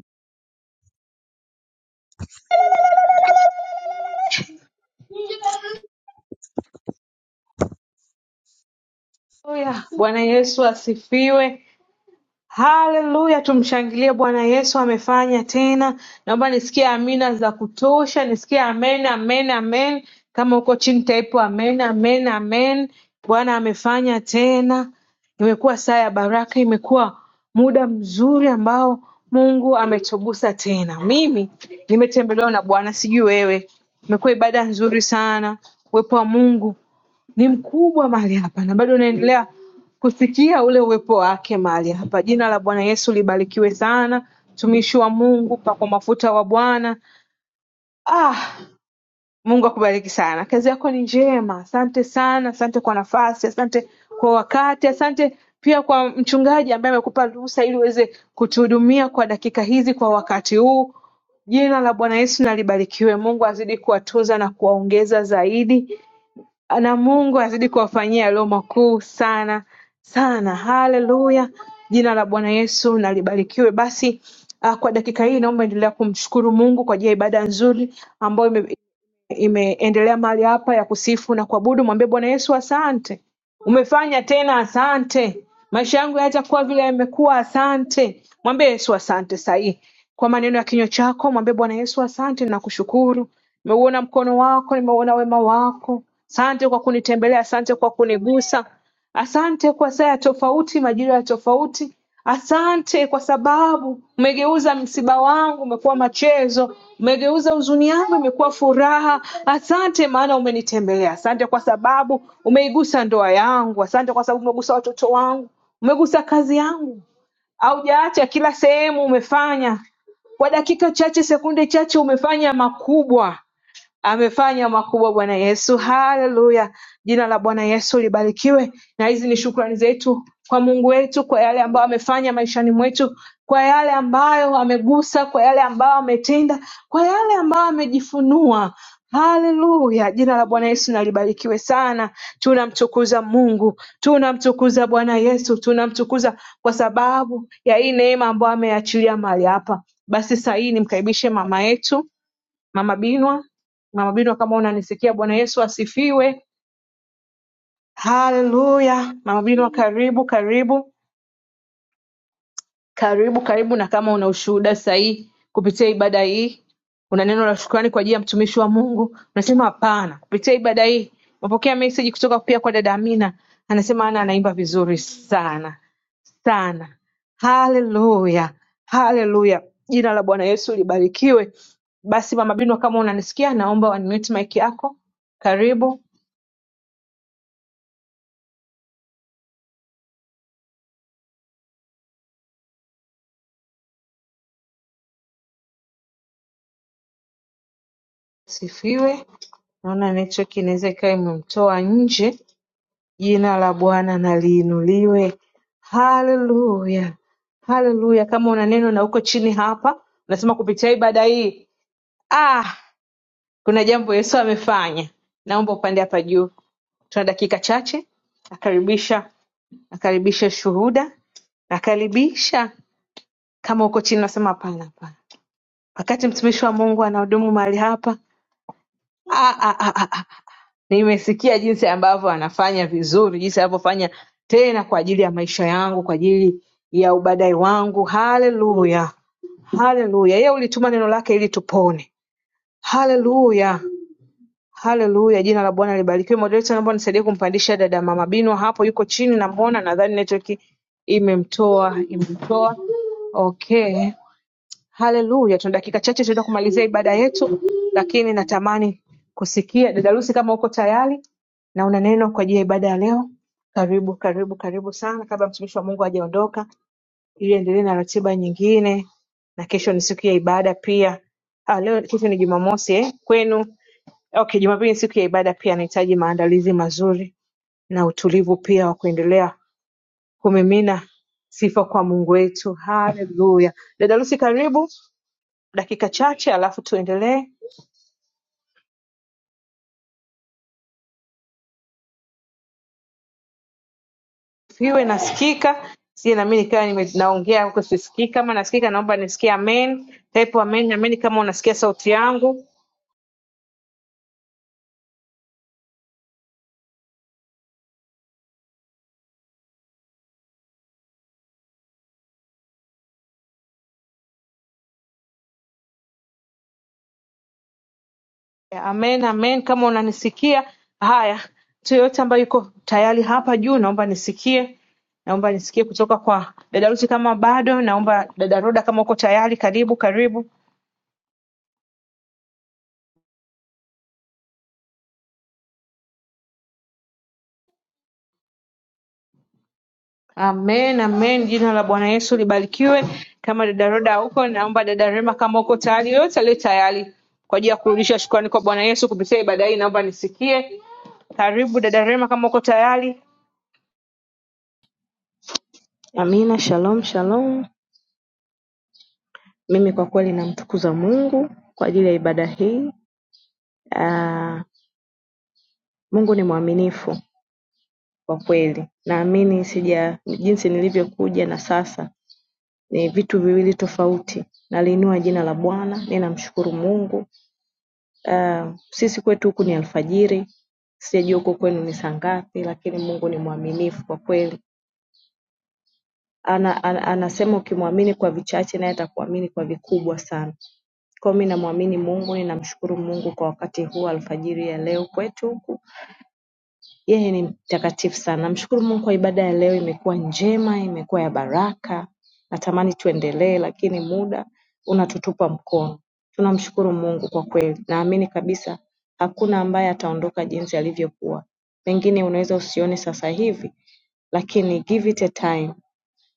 Speaker 1: Haleluya. Bwana Yesu asifiwe. haleluya tumshangilie bwana yesu amefanya tena naomba nisikie amina za kutosha nisikie amen amen amen kama huko chini taipo amen amen amen bwana amefanya tena imekuwa saa ya baraka imekuwa muda mzuri ambao mungu ametugusa tena mimi nimetembelewa na bwana sijui wewe imekuwa ibada nzuri sana uwepo wa mungu ni mkubwa mahali hapa na bado unaendelea kusikia ule uwepo wake mahali hapa. Jina la Bwana Yesu libarikiwe sana, mtumishi wa Mungu, pakwa mafuta wa Bwana. Ah, Mungu akubariki sana, kazi yako ni njema. Asante sana, asante kwa nafasi, asante kwa wakati, asante pia kwa mchungaji ambaye amekupa ruhusa ili uweze kutuhudumia kwa dakika hizi, kwa wakati huu. Jina la Bwana Yesu na libarikiwe. Mungu azidi kuwatunza na kuwaongeza zaidi na Mungu azidi kuwafanyia yaliyo makuu sana sana. Haleluya, jina la Bwana Yesu na libarikiwe. Basi ah, kwa dakika hii naomba endelea kumshukuru Mungu kwa ajili ya ibada nzuri ambayo ime- imeendelea mahali hapa ya kusifu na kuabudu. Mwambie Bwana Yesu asante. Umefanya tena, asante. Maisha yangu yaacha kuwa vile yamekuwa, asante. Mwambie Yesu asante sahii kwa maneno ya kinywa chako, mwambie Bwana Yesu asante, nakushukuru. Nimeuona mkono wako, nimeuona wema wako. Asante kwa kunitembelea, asante kwa kunigusa. Asante kwa saa ya tofauti, majira ya tofauti. Asante kwa sababu umegeuza msiba wangu umekuwa machezo, umegeuza huzuni yangu imekuwa furaha. Asante maana umenitembelea. Asante kwa sababu umeigusa ndoa yangu. Asante kwa sababu umegusa watoto wangu, umegusa kazi yangu. Haujaacha kila sehemu umefanya, kwa dakika chache, sekunde chache umefanya makubwa. Amefanya makubwa Bwana Yesu. Haleluya. Jina la Bwana Yesu libarikiwe. Na hizi ni shukrani zetu kwa Mungu wetu kwa yale ambayo amefanya maishani mwetu, kwa yale ambayo amegusa, kwa yale ambayo ametenda, kwa yale ambayo amejifunua. Haleluya. Jina la Bwana Yesu na libarikiwe sana. Tunamtukuza Mungu, tunamtukuza Bwana Yesu, tunamtukuza kwa sababu ya hii neema ambayo ameachilia mahali hapa. Basi saa hii nimkaribishe mama yetu Mama Binwa. Mama Binwa, kama unanisikia, Bwana Yesu asifiwe. Haleluya. Mama Binwa, karibu karibu karibu karibu, na kama una ushuhuda sahihi kupitia ibada hii, una neno la shukrani kwa ajili ya mtumishi wa Mungu, unasema hapana, kupitia ibada hii umepokea message kutoka pia kwa dada Amina, anasema ana anaimba vizuri sana sana. Haleluya, haleluya, jina la Bwana Yesu libarikiwe. Basi mama Binwa, kama unanisikia, naomba unmute mic yako. Karibu Asifiwe naona network inaweza ikawa imemtoa nje jina la bwana na liinuliwe haleluya haleluya kama una neno na uko chini hapa unasema kupitia ibada hii ah kuna jambo yesu amefanya naomba upande hapa juu tuna dakika chache nakaribisha nakaribisha shuhuda nakaribisha kama uko chini unasema hapana hapana wakati mtumishi wa mungu anahudumu mahali hapa ah, ah, ah, ah, ah. Nimesikia jinsi ambavyo anafanya vizuri, jinsi anavyofanya tena kwa ajili ya maisha yangu, kwa ajili ya ubadai wangu. Haleluya, haleluya! Yeye ulituma neno lake ili tupone. Haleluya, haleluya! Jina la Bwana libarikiwe. Moderator, naomba nisaidie kumpandisha dada Mama Binwa, hapo yuko chini, namwona. Nadhani network imemtoa, imemtoa. Okay, Haleluya. Tuna dakika chache tunaenda kumalizia ibada yetu, lakini natamani kusikia dada Lucy kama uko tayari na una neno kwa ajili ya ibada ya leo. Karibu, karibu, karibu sana kabla mtumishi wa Mungu hajaondoka ili endelee na ratiba nyingine na kesho ni siku ya ibada pia. Ah, leo kesho ni Jumamosi eh? Kwenu. Okay, Jumapili ni siku ya ibada pia nahitaji maandalizi mazuri na utulivu pia wa kuendelea kumimina sifa kwa Mungu wetu. Haleluya. Dada Lucy, karibu dakika chache, alafu tuendelee. Siwe nasikika sije nami nikawa nime- naongea huko sisikii. Kama nasikika, naomba nisikie amen, type amen, amen kama unasikia sauti yangu, amen, amen kama unanisikia. Haya, mtu yoyote ambaye yuko tayari hapa juu, naomba nisikie, naomba nisikie kutoka kwa dada Ruti kama bado. Naomba dada Roda, kama uko tayari, karibu, karibu. Amen, amen. Jina la Bwana Yesu libarikiwe. Kama dada Roda huko, naomba dada Rema, kama uko tayari, yoyote aliye tayari kwa ajili ya kurudisha shukrani kwa Bwana Yesu kupitia ibada hii, naomba nisikie. Karibu dada Rema, kama uko tayari.
Speaker 4: Amina, shalom shalom. Mimi kwa kweli namtukuza Mungu kwa ajili ya ibada hii. Ah, Mungu ni mwaminifu kwa kweli. Naamini sija jinsi nilivyokuja na sasa ni vitu viwili tofauti. Naliinua jina la Bwana, ninamshukuru Mungu Uh, sisi kwetu huku ni alfajiri, sijajua huko kwenu ni saa ngapi, lakini Mungu ni mwaminifu kwa kweli. Ana, ana, anasema ukimwamini kwa vichache naye atakuamini kwa vikubwa sana. Kwa hiyo mimi namwamini Mungu, ninamshukuru Mungu kwa wakati huu alfajiri ya leo kwetu huku Yeye ni mtakatifu sana. Namshukuru Mungu kwa ibada ya leo, imekuwa njema, imekuwa ya baraka. Natamani tuendelee, lakini muda unatutupa mkono. Tunamshukuru Mungu kwa kweli. Naamini kabisa hakuna ambaye ataondoka jinsi alivyokuwa. Pengine unaweza usione sasa hivi, lakini give it a time.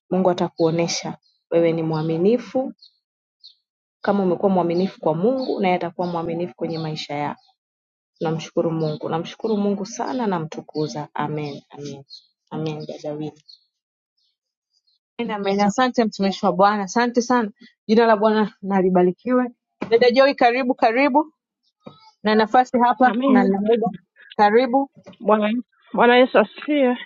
Speaker 4: Mungu atakuonesha wewe ni mwaminifu. Kama umekuwa mwaminifu kwa Mungu, naye atakuwa mwaminifu kwenye maisha yako. Tunamshukuru Mungu namshukuru Mungu sana namtukuza Amen amen amen dada Wina
Speaker 1: Amen, amen. Asante mtumishi wa Bwana, asante sana. Jina la Bwana na libarikiwe. Dada Joy, karibu karibu, na nafasi hapa na
Speaker 8: Amina.
Speaker 1: na muda, karibu.
Speaker 8: Bwana Yesu Bwana Yesu asifiwe.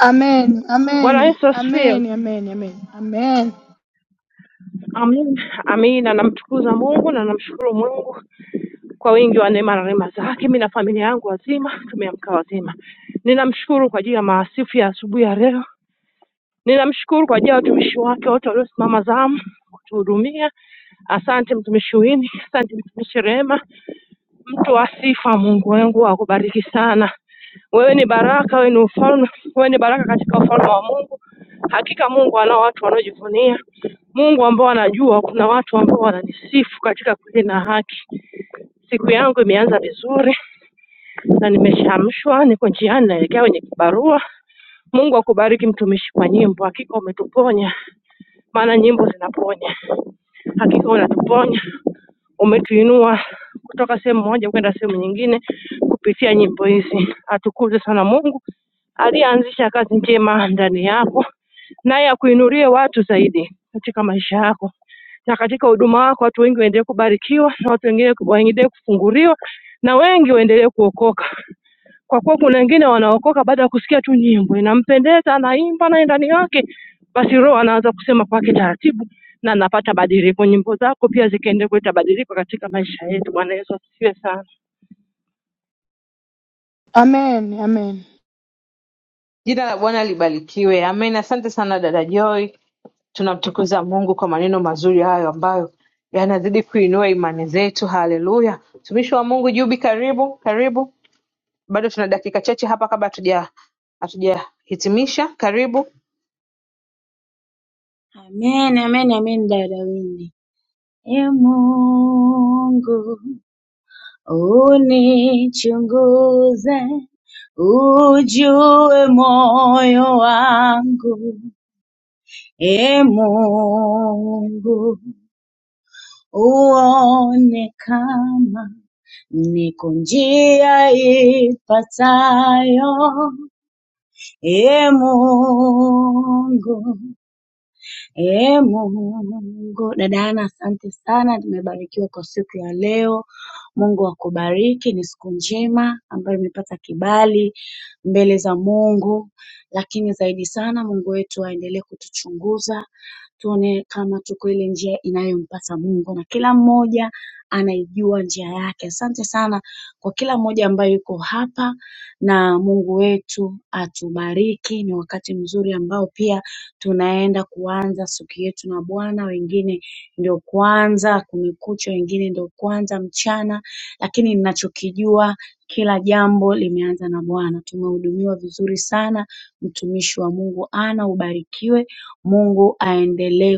Speaker 5: Amen,
Speaker 8: Bwana
Speaker 5: amen,
Speaker 8: Yesu asifiwe.
Speaker 5: amen, amen, amen, amen,
Speaker 8: Amina. Amina. Namtukuza Mungu na namshukuru Mungu kwa wingi wa neema na rehema zake. Mimi na familia yangu wazima tumeamka wazima. Ninamshukuru kwa ajili ya maasifu ya asubuhi ya leo. Ninamshukuru kwa ajili ya watumishi wake wote waliosimama zamu kutuhudumia. Asante mtumishi Wini, asante mtumishi Rehema, mtu wa sifa. Mungu wangu akubariki sana. Wewe ni baraka, wewe ni ufalme, wewe ni baraka katika ufalme wa Mungu. Hakika Mungu anao watu wanaojivunia, Mungu ambao anajua kuna watu ambao wananisifu katika kweli na haki. Siku yangu imeanza vizuri na nimeshaamshwa, niko njiani naelekea kwenye kibarua. Mungu akubariki mtumishi kwa nyimbo, hakika umetuponya, maana nyimbo zinaponya. Hakika unatuponya, umetuinua kutoka sehemu moja kwenda sehemu nyingine kupitia nyimbo hizi. Atukuze sana Mungu. aliyeanzisha kazi njema ndani yako, naye akuinulie watu zaidi katika maisha yako na katika huduma wako. Watu wengi waendelee kubarikiwa na watu wengine waendelee kufunguliwa na wengi waendelee kuokoka, kwa kuwa kuna wengine wanaokoka baada ya kusikia tu nyimbo inampendeza, anaimba naye ndani yake, basi Roho anaanza kusema kwake taratibu na anapata badiliko. Nyimbo zako pia zikaende kuleta badiliko katika maisha yetu. Bwana Yesu asifiwe sana.
Speaker 5: amen, amen.
Speaker 1: Jina la Bwana libarikiwe. Amen, asante sana dada Joy. Tunamtukuza Mungu kwa maneno mazuri hayo ambayo yanazidi kuinua imani zetu. Haleluya! Mtumishi wa Mungu Jubi, karibu karibu. Bado tuna dakika chache hapa kabla hatuja hatujahitimisha. Karibu.
Speaker 6: Amen, amen, amen, dada Winnie. E Mungu unichunguze, ujue moyo wangu. E Mungu uone kama niko njia ipatayo E Mungu, e Mungu. Dada Ana, asante sana, tumebarikiwa kwa siku ya leo. Mungu akubariki, ni siku njema ambayo imepata kibali mbele za Mungu, lakini zaidi sana Mungu wetu aendelee kutuchunguza tuone kama tuko ile njia inayompasa Mungu na kila mmoja anaijua njia yake. Asante sana kwa kila mmoja ambaye yuko hapa na Mungu wetu atubariki. Ni wakati mzuri ambao pia tunaenda kuanza siku yetu na Bwana, wengine ndio kwanza kumekucha, wengine ndio kwanza mchana, lakini ninachokijua kila jambo limeanza na Bwana. Tumehudumiwa vizuri sana, mtumishi wa Mungu ana ubarikiwe. Mungu aendelee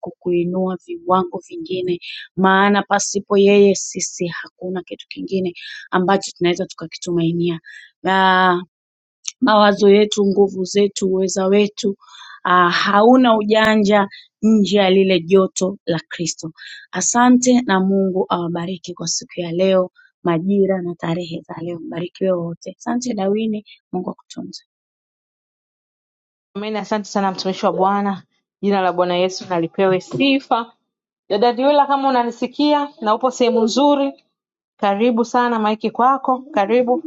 Speaker 6: kukuinua viwango vingine maana pasipo yeye sisi hakuna kitu kingine ambacho tunaweza tukakitumainia. Na mawazo yetu, nguvu zetu, uweza wetu ah, hauna ujanja nje ya lile joto la Kristo. Asante na Mungu awabariki kwa siku ya leo, majira na tarehe za leo. Mbarikiwe wote. Asante Dawini, Mungu akutunze.
Speaker 1: Amen. Asante sana mtumishi wa Bwana. Jina la Bwana Yesu nalipewe sifa. Dada Diwila, kama unanisikia na upo sehemu nzuri, karibu sana, maiki kwako. Karibu.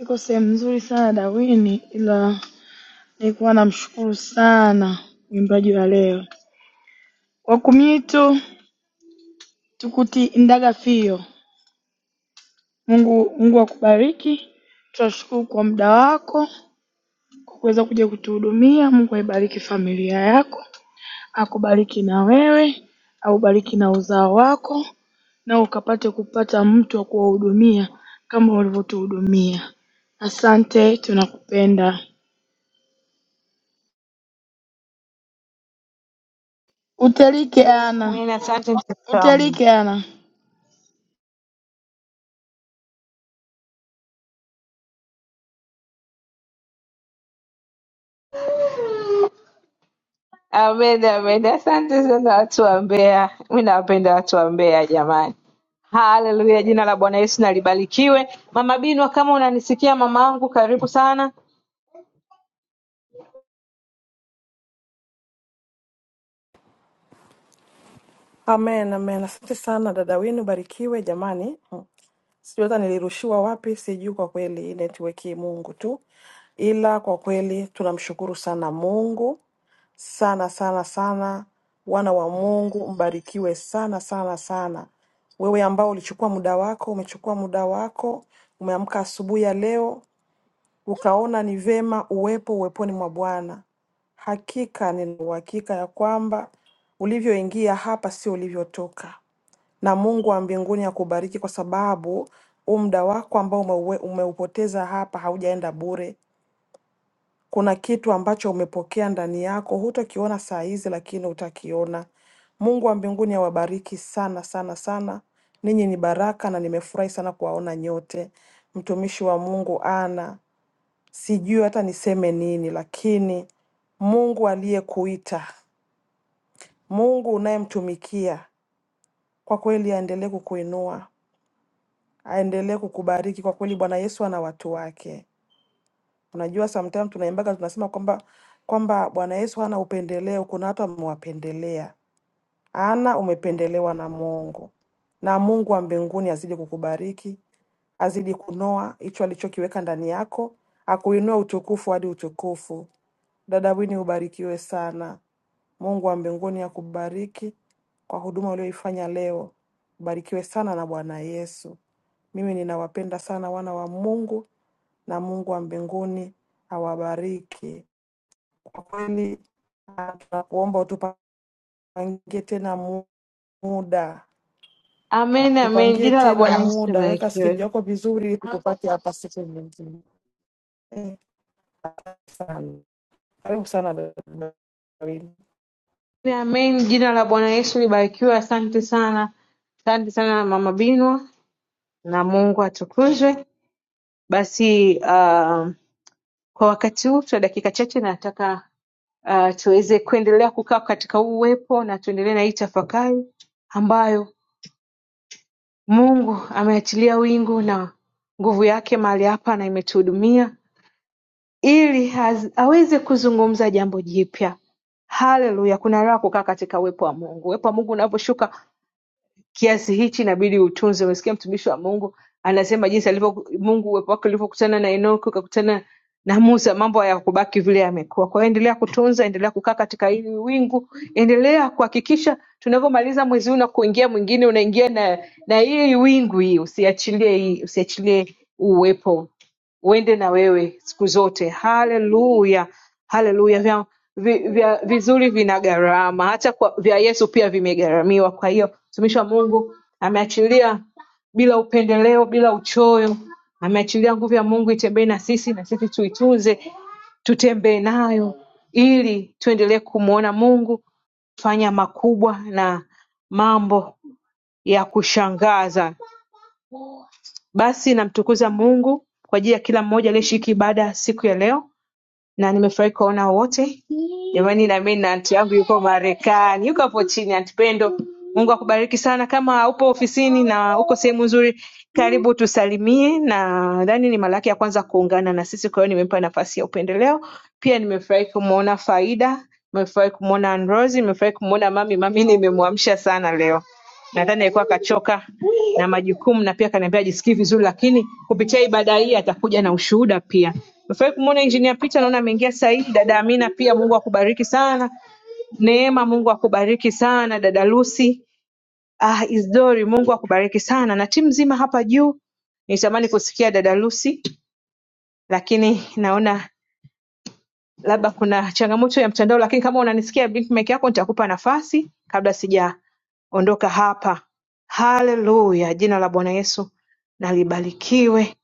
Speaker 5: Iko sehemu nzuri sana Dawini, ila nilikuwa namshukuru sana mwimbaji wa leo wakumitu tukutiindaga fio. Mungu Mungu akubariki, tunashukuru kwa muda wako kwa kuweza kuja kutuhudumia. Mungu aibariki familia yako, akubariki na wewe, aubariki na uzao wako, na ukapate kupata mtu wa kuwahudumia kama ulivyotuhudumia. Asante, tunakupenda. Utelike ana,
Speaker 1: Amen. Asante mtumishi wa Mungu.
Speaker 5: utelike ana.
Speaker 1: Amen, amen. Asante sana watu wa Mbeya. Mi nawapenda watu wa Mbeya jamani. Haleluya, jina la Bwana Yesu nalibarikiwe. Mama Binwa, kama unanisikia mama wangu, karibu sana.
Speaker 3: Amen, amen. Asante sana dada wenu, barikiwe jamani. Mm. sijui hata nilirushiwa wapi, sijui kwa kweli, network hii Mungu tu. Ila kwa kweli tunamshukuru sana Mungu sana sana sana. Wana wa Mungu mbarikiwe sana sana sana. Wewe ambao ulichukua muda wako, umechukua muda wako, umeamka asubuhi ya leo ukaona ni vema uwepo uweponi mwa Bwana. Hakika nina uhakika ya kwamba ulivyoingia hapa sio ulivyotoka na Mungu wa mbinguni akubariki kwa sababu huu muda wako ambao umeue- umeupoteza hapa haujaenda bure. Kuna kitu ambacho umepokea ndani yako, hutokiona saa hizi, lakini utakiona. Mungu wa mbinguni awabariki sana sana sana. Ninyi ni baraka na nimefurahi sana kuwaona nyote. Mtumishi wa Mungu ana sijui hata niseme nini, lakini Mungu aliyekuita, Mungu unayemtumikia, kwa kweli aendelee kukuinua. aendelee kukubariki kwa kweli. Bwana Yesu ana watu wake. Unajua, sometimes tunaimbaga tunasema kwamba kwamba Bwana Yesu hana upendeleo. Kuna watu amewapendelea, ana umependelewa na Mungu, na Mungu wa mbinguni azidi kukubariki, azidi kunoa hicho alichokiweka ndani yako, akuinua utukufu hadi utukufu. Dada Wini, ubarikiwe sana. Mungu wa mbinguni akubariki kwa huduma uliyoifanya leo. Ubarikiwe sana na Bwana Yesu. Mimi ninawapenda sana wana wa Mungu na Mungu wa mbinguni awabariki. Kwa kweli ah, tunakuomba tupangie tena mu- muda,
Speaker 1: Amen, amen.
Speaker 3: tupangie
Speaker 1: Jina la
Speaker 3: tena
Speaker 1: Bwana Yesu
Speaker 3: muda, weka skeji
Speaker 1: libarikiwe.
Speaker 3: yako vizuri, ili tukupate hapa siku nyingine. Eh, sana karibu sana dada Dawidi.
Speaker 1: Amen, jina la Bwana Yesu libarikiwe. Asante sana, asante sana mama Binwa, na Mungu atukuzwe. Basi uh, kwa wakati huu tuna dakika chache, nataka uh, tuweze kuendelea kukaa katika huu uwepo na tuendelee na hii tafakari ambayo Mungu ameachilia wingu na nguvu yake mahali hapa na imetuhudumia ili haz- aweze kuzungumza jambo jipya. Haleluya! Kuna raha kukaa katika uwepo wa Mungu. Uwepo wa Mungu unaposhuka kiasi hichi inabidi utunze. Umesikia mtumishi wa Mungu anasema jinsi alivyo Mungu, uwepo wake ulivyokutana na Enoki ukakutana na Musa, mambo hayakubaki vile yamekuwa. Kwa hiyo endelea kutunza, endelea kukaa katika hili wingu, endelea kuhakikisha tunavyomaliza mwezi huu na kuingia mwingine, unaingia na na hii wingu hii, usiachilie hii, usiachilie uwepo uende na wewe siku zote. Haleluya, haleluya! Vya, vi, vya vizuri vina gharama, hata kwa, vya Yesu pia vimegharamiwa. Kwa hiyo mtumishi wa Mungu ameachilia bila upendeleo, bila uchoyo, ameachilia nguvu ya Mungu itembee na sisi, na sisi tuitunze, tutembee nayo ili tuendelee kumwona Mungu fanya makubwa na mambo ya kushangaza basi namtukuza Mungu kwa ajili ya kila mmoja aliyeshiriki ibada ya siku ya leo, na nimefurahi kuwaona wote jamani. Na mimi na anti yangu yuko Marekani, yuko hapo chini. Anti Pendo, Mungu akubariki sana. Kama upo ofisini na uko sehemu nzuri, karibu tusalimie, na nadhani ni mara yake ya kwanza kuungana na sisi, kwa hiyo nimempa nafasi ya upendeleo. Pia nimefurahi kumwona Faida, nimefurahi kumwona Rosi, nimefurahi kumwona mami. Mami nimemwamsha sana leo. Nadhani alikuwa kachoka na majukumu na pia kaniambia ajisikii vizuri lakini kupitia ibada hii atakuja na ushuhuda pia. Nimewahi kumuona Engineer Peter naona ameingia sasa hivi, dada Amina pia Mungu akubariki sana. Neema Mungu akubariki sana, dada Lucy. Ah, Isidori Mungu akubariki sana na timu nzima hapa juu. Nitamani kusikia dada Lucy lakini naona labda kuna changamoto ya mtandao, lakini kama unanisikia blink mic yako, nitakupa nafasi kabla sijaondoka hapa. Haleluya, jina la Bwana Yesu na libarikiwe.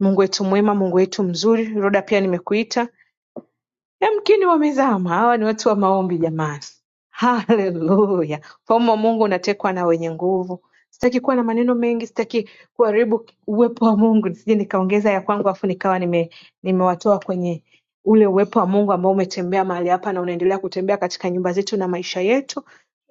Speaker 1: Mungu wetu mwema, Mungu wetu mzuri. Roda, pia nimekuita Yamkini wamezama hawa ni watu wa maombi jamani. Haleluya. Ufalme wa Mungu unatekwa na wenye nguvu. Sitaki kuwa na maneno mengi, sitaki kuharibu uwepo wa Mungu, nisije nikaongeza ya kwangu afu nikawa nime nimewatoa kwenye ule uwepo wa Mungu ambao umetembea mahali hapa na unaendelea kutembea katika nyumba zetu na maisha yetu.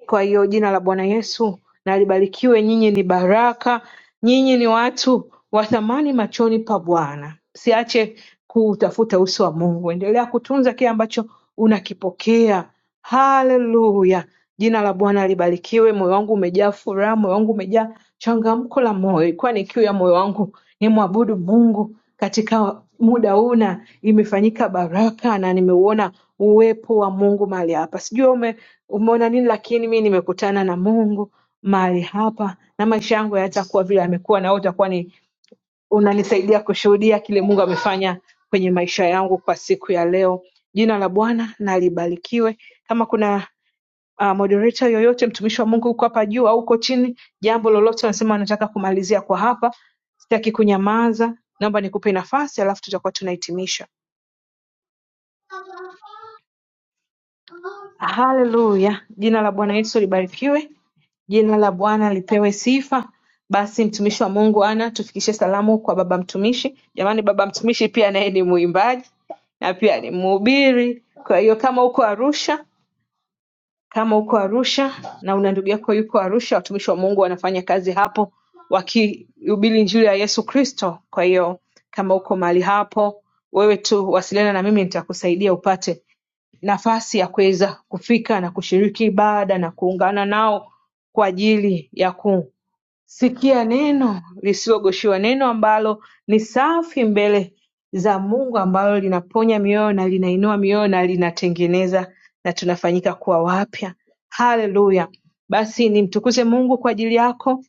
Speaker 1: Kwa hiyo jina la Bwana Yesu na libarikiwe. Nyinyi ni baraka, nyinyi ni watu wa thamani machoni pa Bwana. Msiache kutafuta uso wa Mungu, endelea kutunza kile ambacho unakipokea. Haleluya, jina la Bwana libarikiwe. Moyo wangu umejaa furaha, moyo wangu umejaa changamko la moyo. Ilikuwa ni kiu ya moyo wangu nimwabudu Mungu katika muda huu na imefanyika baraka na nimeuona uwepo wa Mungu mahali hapa. Sijui wewe ume, umeona nini, lakini mi nimekutana na Mungu mahali hapa na maisha yangu hayatakuwa vile yamekuwa, na wewe utakuwa ni unanisaidia kushuhudia kile Mungu amefanya kwenye maisha yangu kwa siku ya leo. Jina la Bwana na libarikiwe. Kama kuna uh, moderator yoyote mtumishi wa mungu uko hapa juu au uko chini jambo lolote unasema nataka kumalizia kwa hapa sitaki kunyamaza naomba nikupe nafasi alafu tutakuwa tunahitimisha haleluya jina la bwana yesu libarikiwe jina la bwana lipewe sifa basi mtumishi wa mungu ana tufikishe salamu kwa baba mtumishi jamani baba mtumishi pia naye ni mwimbaji na pia ni mhubiri kwa hiyo kama uko arusha Kama uko Arusha na una ndugu yako yuko Arusha, watumishi wa Mungu wanafanya kazi hapo wakihubiri injili ya Yesu Kristo. Kwa hiyo kama uko mahali hapo, wewe tu wasiliana na mimi, nitakusaidia upate nafasi ya kuweza kufika na kushiriki ibada na kuungana nao kwa ajili ya ku Sikia neno lisilogoshiwa neno ambalo ni safi mbele za Mungu ambalo linaponya mioyo na linainua mioyo na linatengeneza na tunafanyika kuwa wapya. Haleluya! Basi nimtukuze Mungu kwa ajili yako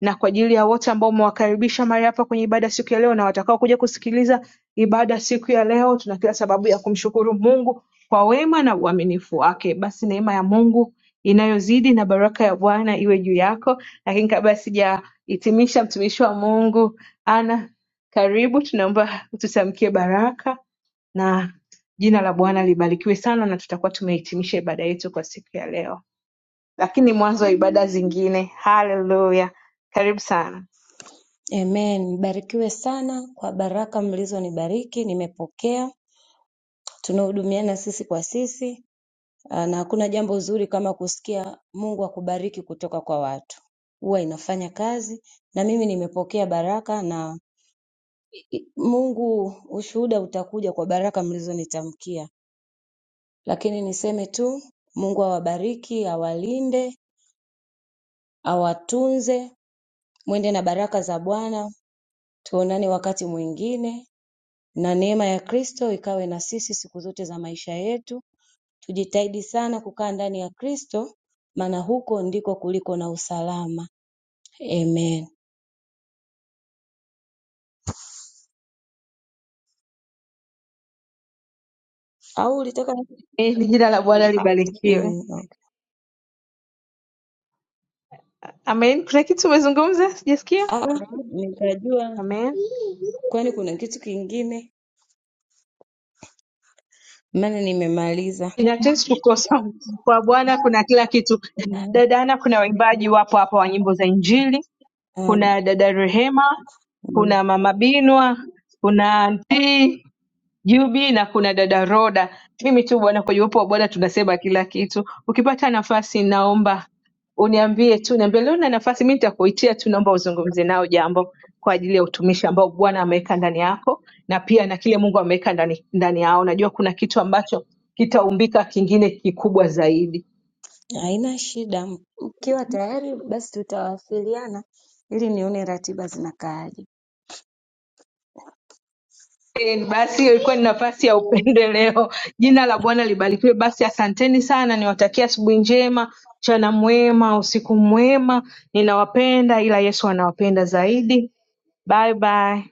Speaker 1: na kwa ajili ya wote ambao umewakaribisha mahali hapa kwenye ibada siku ya leo na watakao kuja kusikiliza ibada siku ya leo. Tuna kila sababu ya kumshukuru Mungu kwa wema na uaminifu wake. Basi neema ya Mungu inayozidi na baraka ya Bwana iwe juu yako lakini kabla sijahitimisha mtumishi wa Mungu Anna karibu tunaomba ututamkie baraka na jina la Bwana libarikiwe sana na tutakuwa tumehitimisha ibada yetu kwa siku ya leo. Lakini mwanzo wa ibada zingine. Haleluya. Karibu sana.
Speaker 7: Amen. Mbarikiwe sana kwa baraka mlizonibariki, nimepokea. Tunahudumiana sisi kwa sisi, ah, na hakuna jambo zuri kama kusikia Mungu akubariki kutoka kwa watu, huwa inafanya kazi. Na mimi nimepokea baraka na i- i- Mungu, ushuhuda utakuja kwa baraka mlizonitamkia, lakini niseme tu Mungu awabariki, awalinde, awatunze, mwende na baraka za Bwana. Tuonane wakati mwingine. na neema ya Kristo ikawe na sisi siku zote za maisha yetu. Tujitahidi sana kukaa ndani ya Kristo, maana huko ndiko kuliko na usalama. Amen. Au ulitaka
Speaker 1: Eh, ni jina la Bwana libarikiwe.
Speaker 7: mm, okay.
Speaker 1: Amen. Kuna kitu umezungumza? Sijasikia?
Speaker 7: Ah, nikajua
Speaker 1: Amen.
Speaker 7: kwani kuna kitu kingine, maana nimemaliza.
Speaker 1: Inatesi kukosa kwa Bwana kuna kila kitu. Dada Ana, kuna waimbaji wapo hapa wa nyimbo za Injili,
Speaker 7: Ah,
Speaker 1: kuna dada Rehema
Speaker 7: mm,
Speaker 1: kuna mama Binwa, kuna anti Jubi na kuna dada Roda. Mimi tu bwana, kwenye uwepo wa Bwana tunasema kila kitu. Ukipata nafasi, naomba uniambie tu, niambie leo na nafasi, mimi nitakuitia tu, naomba uzungumze nao jambo kwa ajili ya utumishi ambao Bwana ameweka ndani yako na pia na kile Mungu ameweka ndani, ndani yao. Najua kuna kitu ambacho kitaumbika kingine kikubwa zaidi.
Speaker 7: haina shida, mkiwa tayari basi tutawasiliana ili nione ratiba zinakaaje.
Speaker 1: Amen. Basi hiyo ilikuwa ni nafasi ya upendeleo. Jina la Bwana libarikiwe. Basi asanteni sana, niwatakia asubuhi njema, mchana mwema, usiku mwema. Ninawapenda ila Yesu anawapenda zaidi. Bye bye.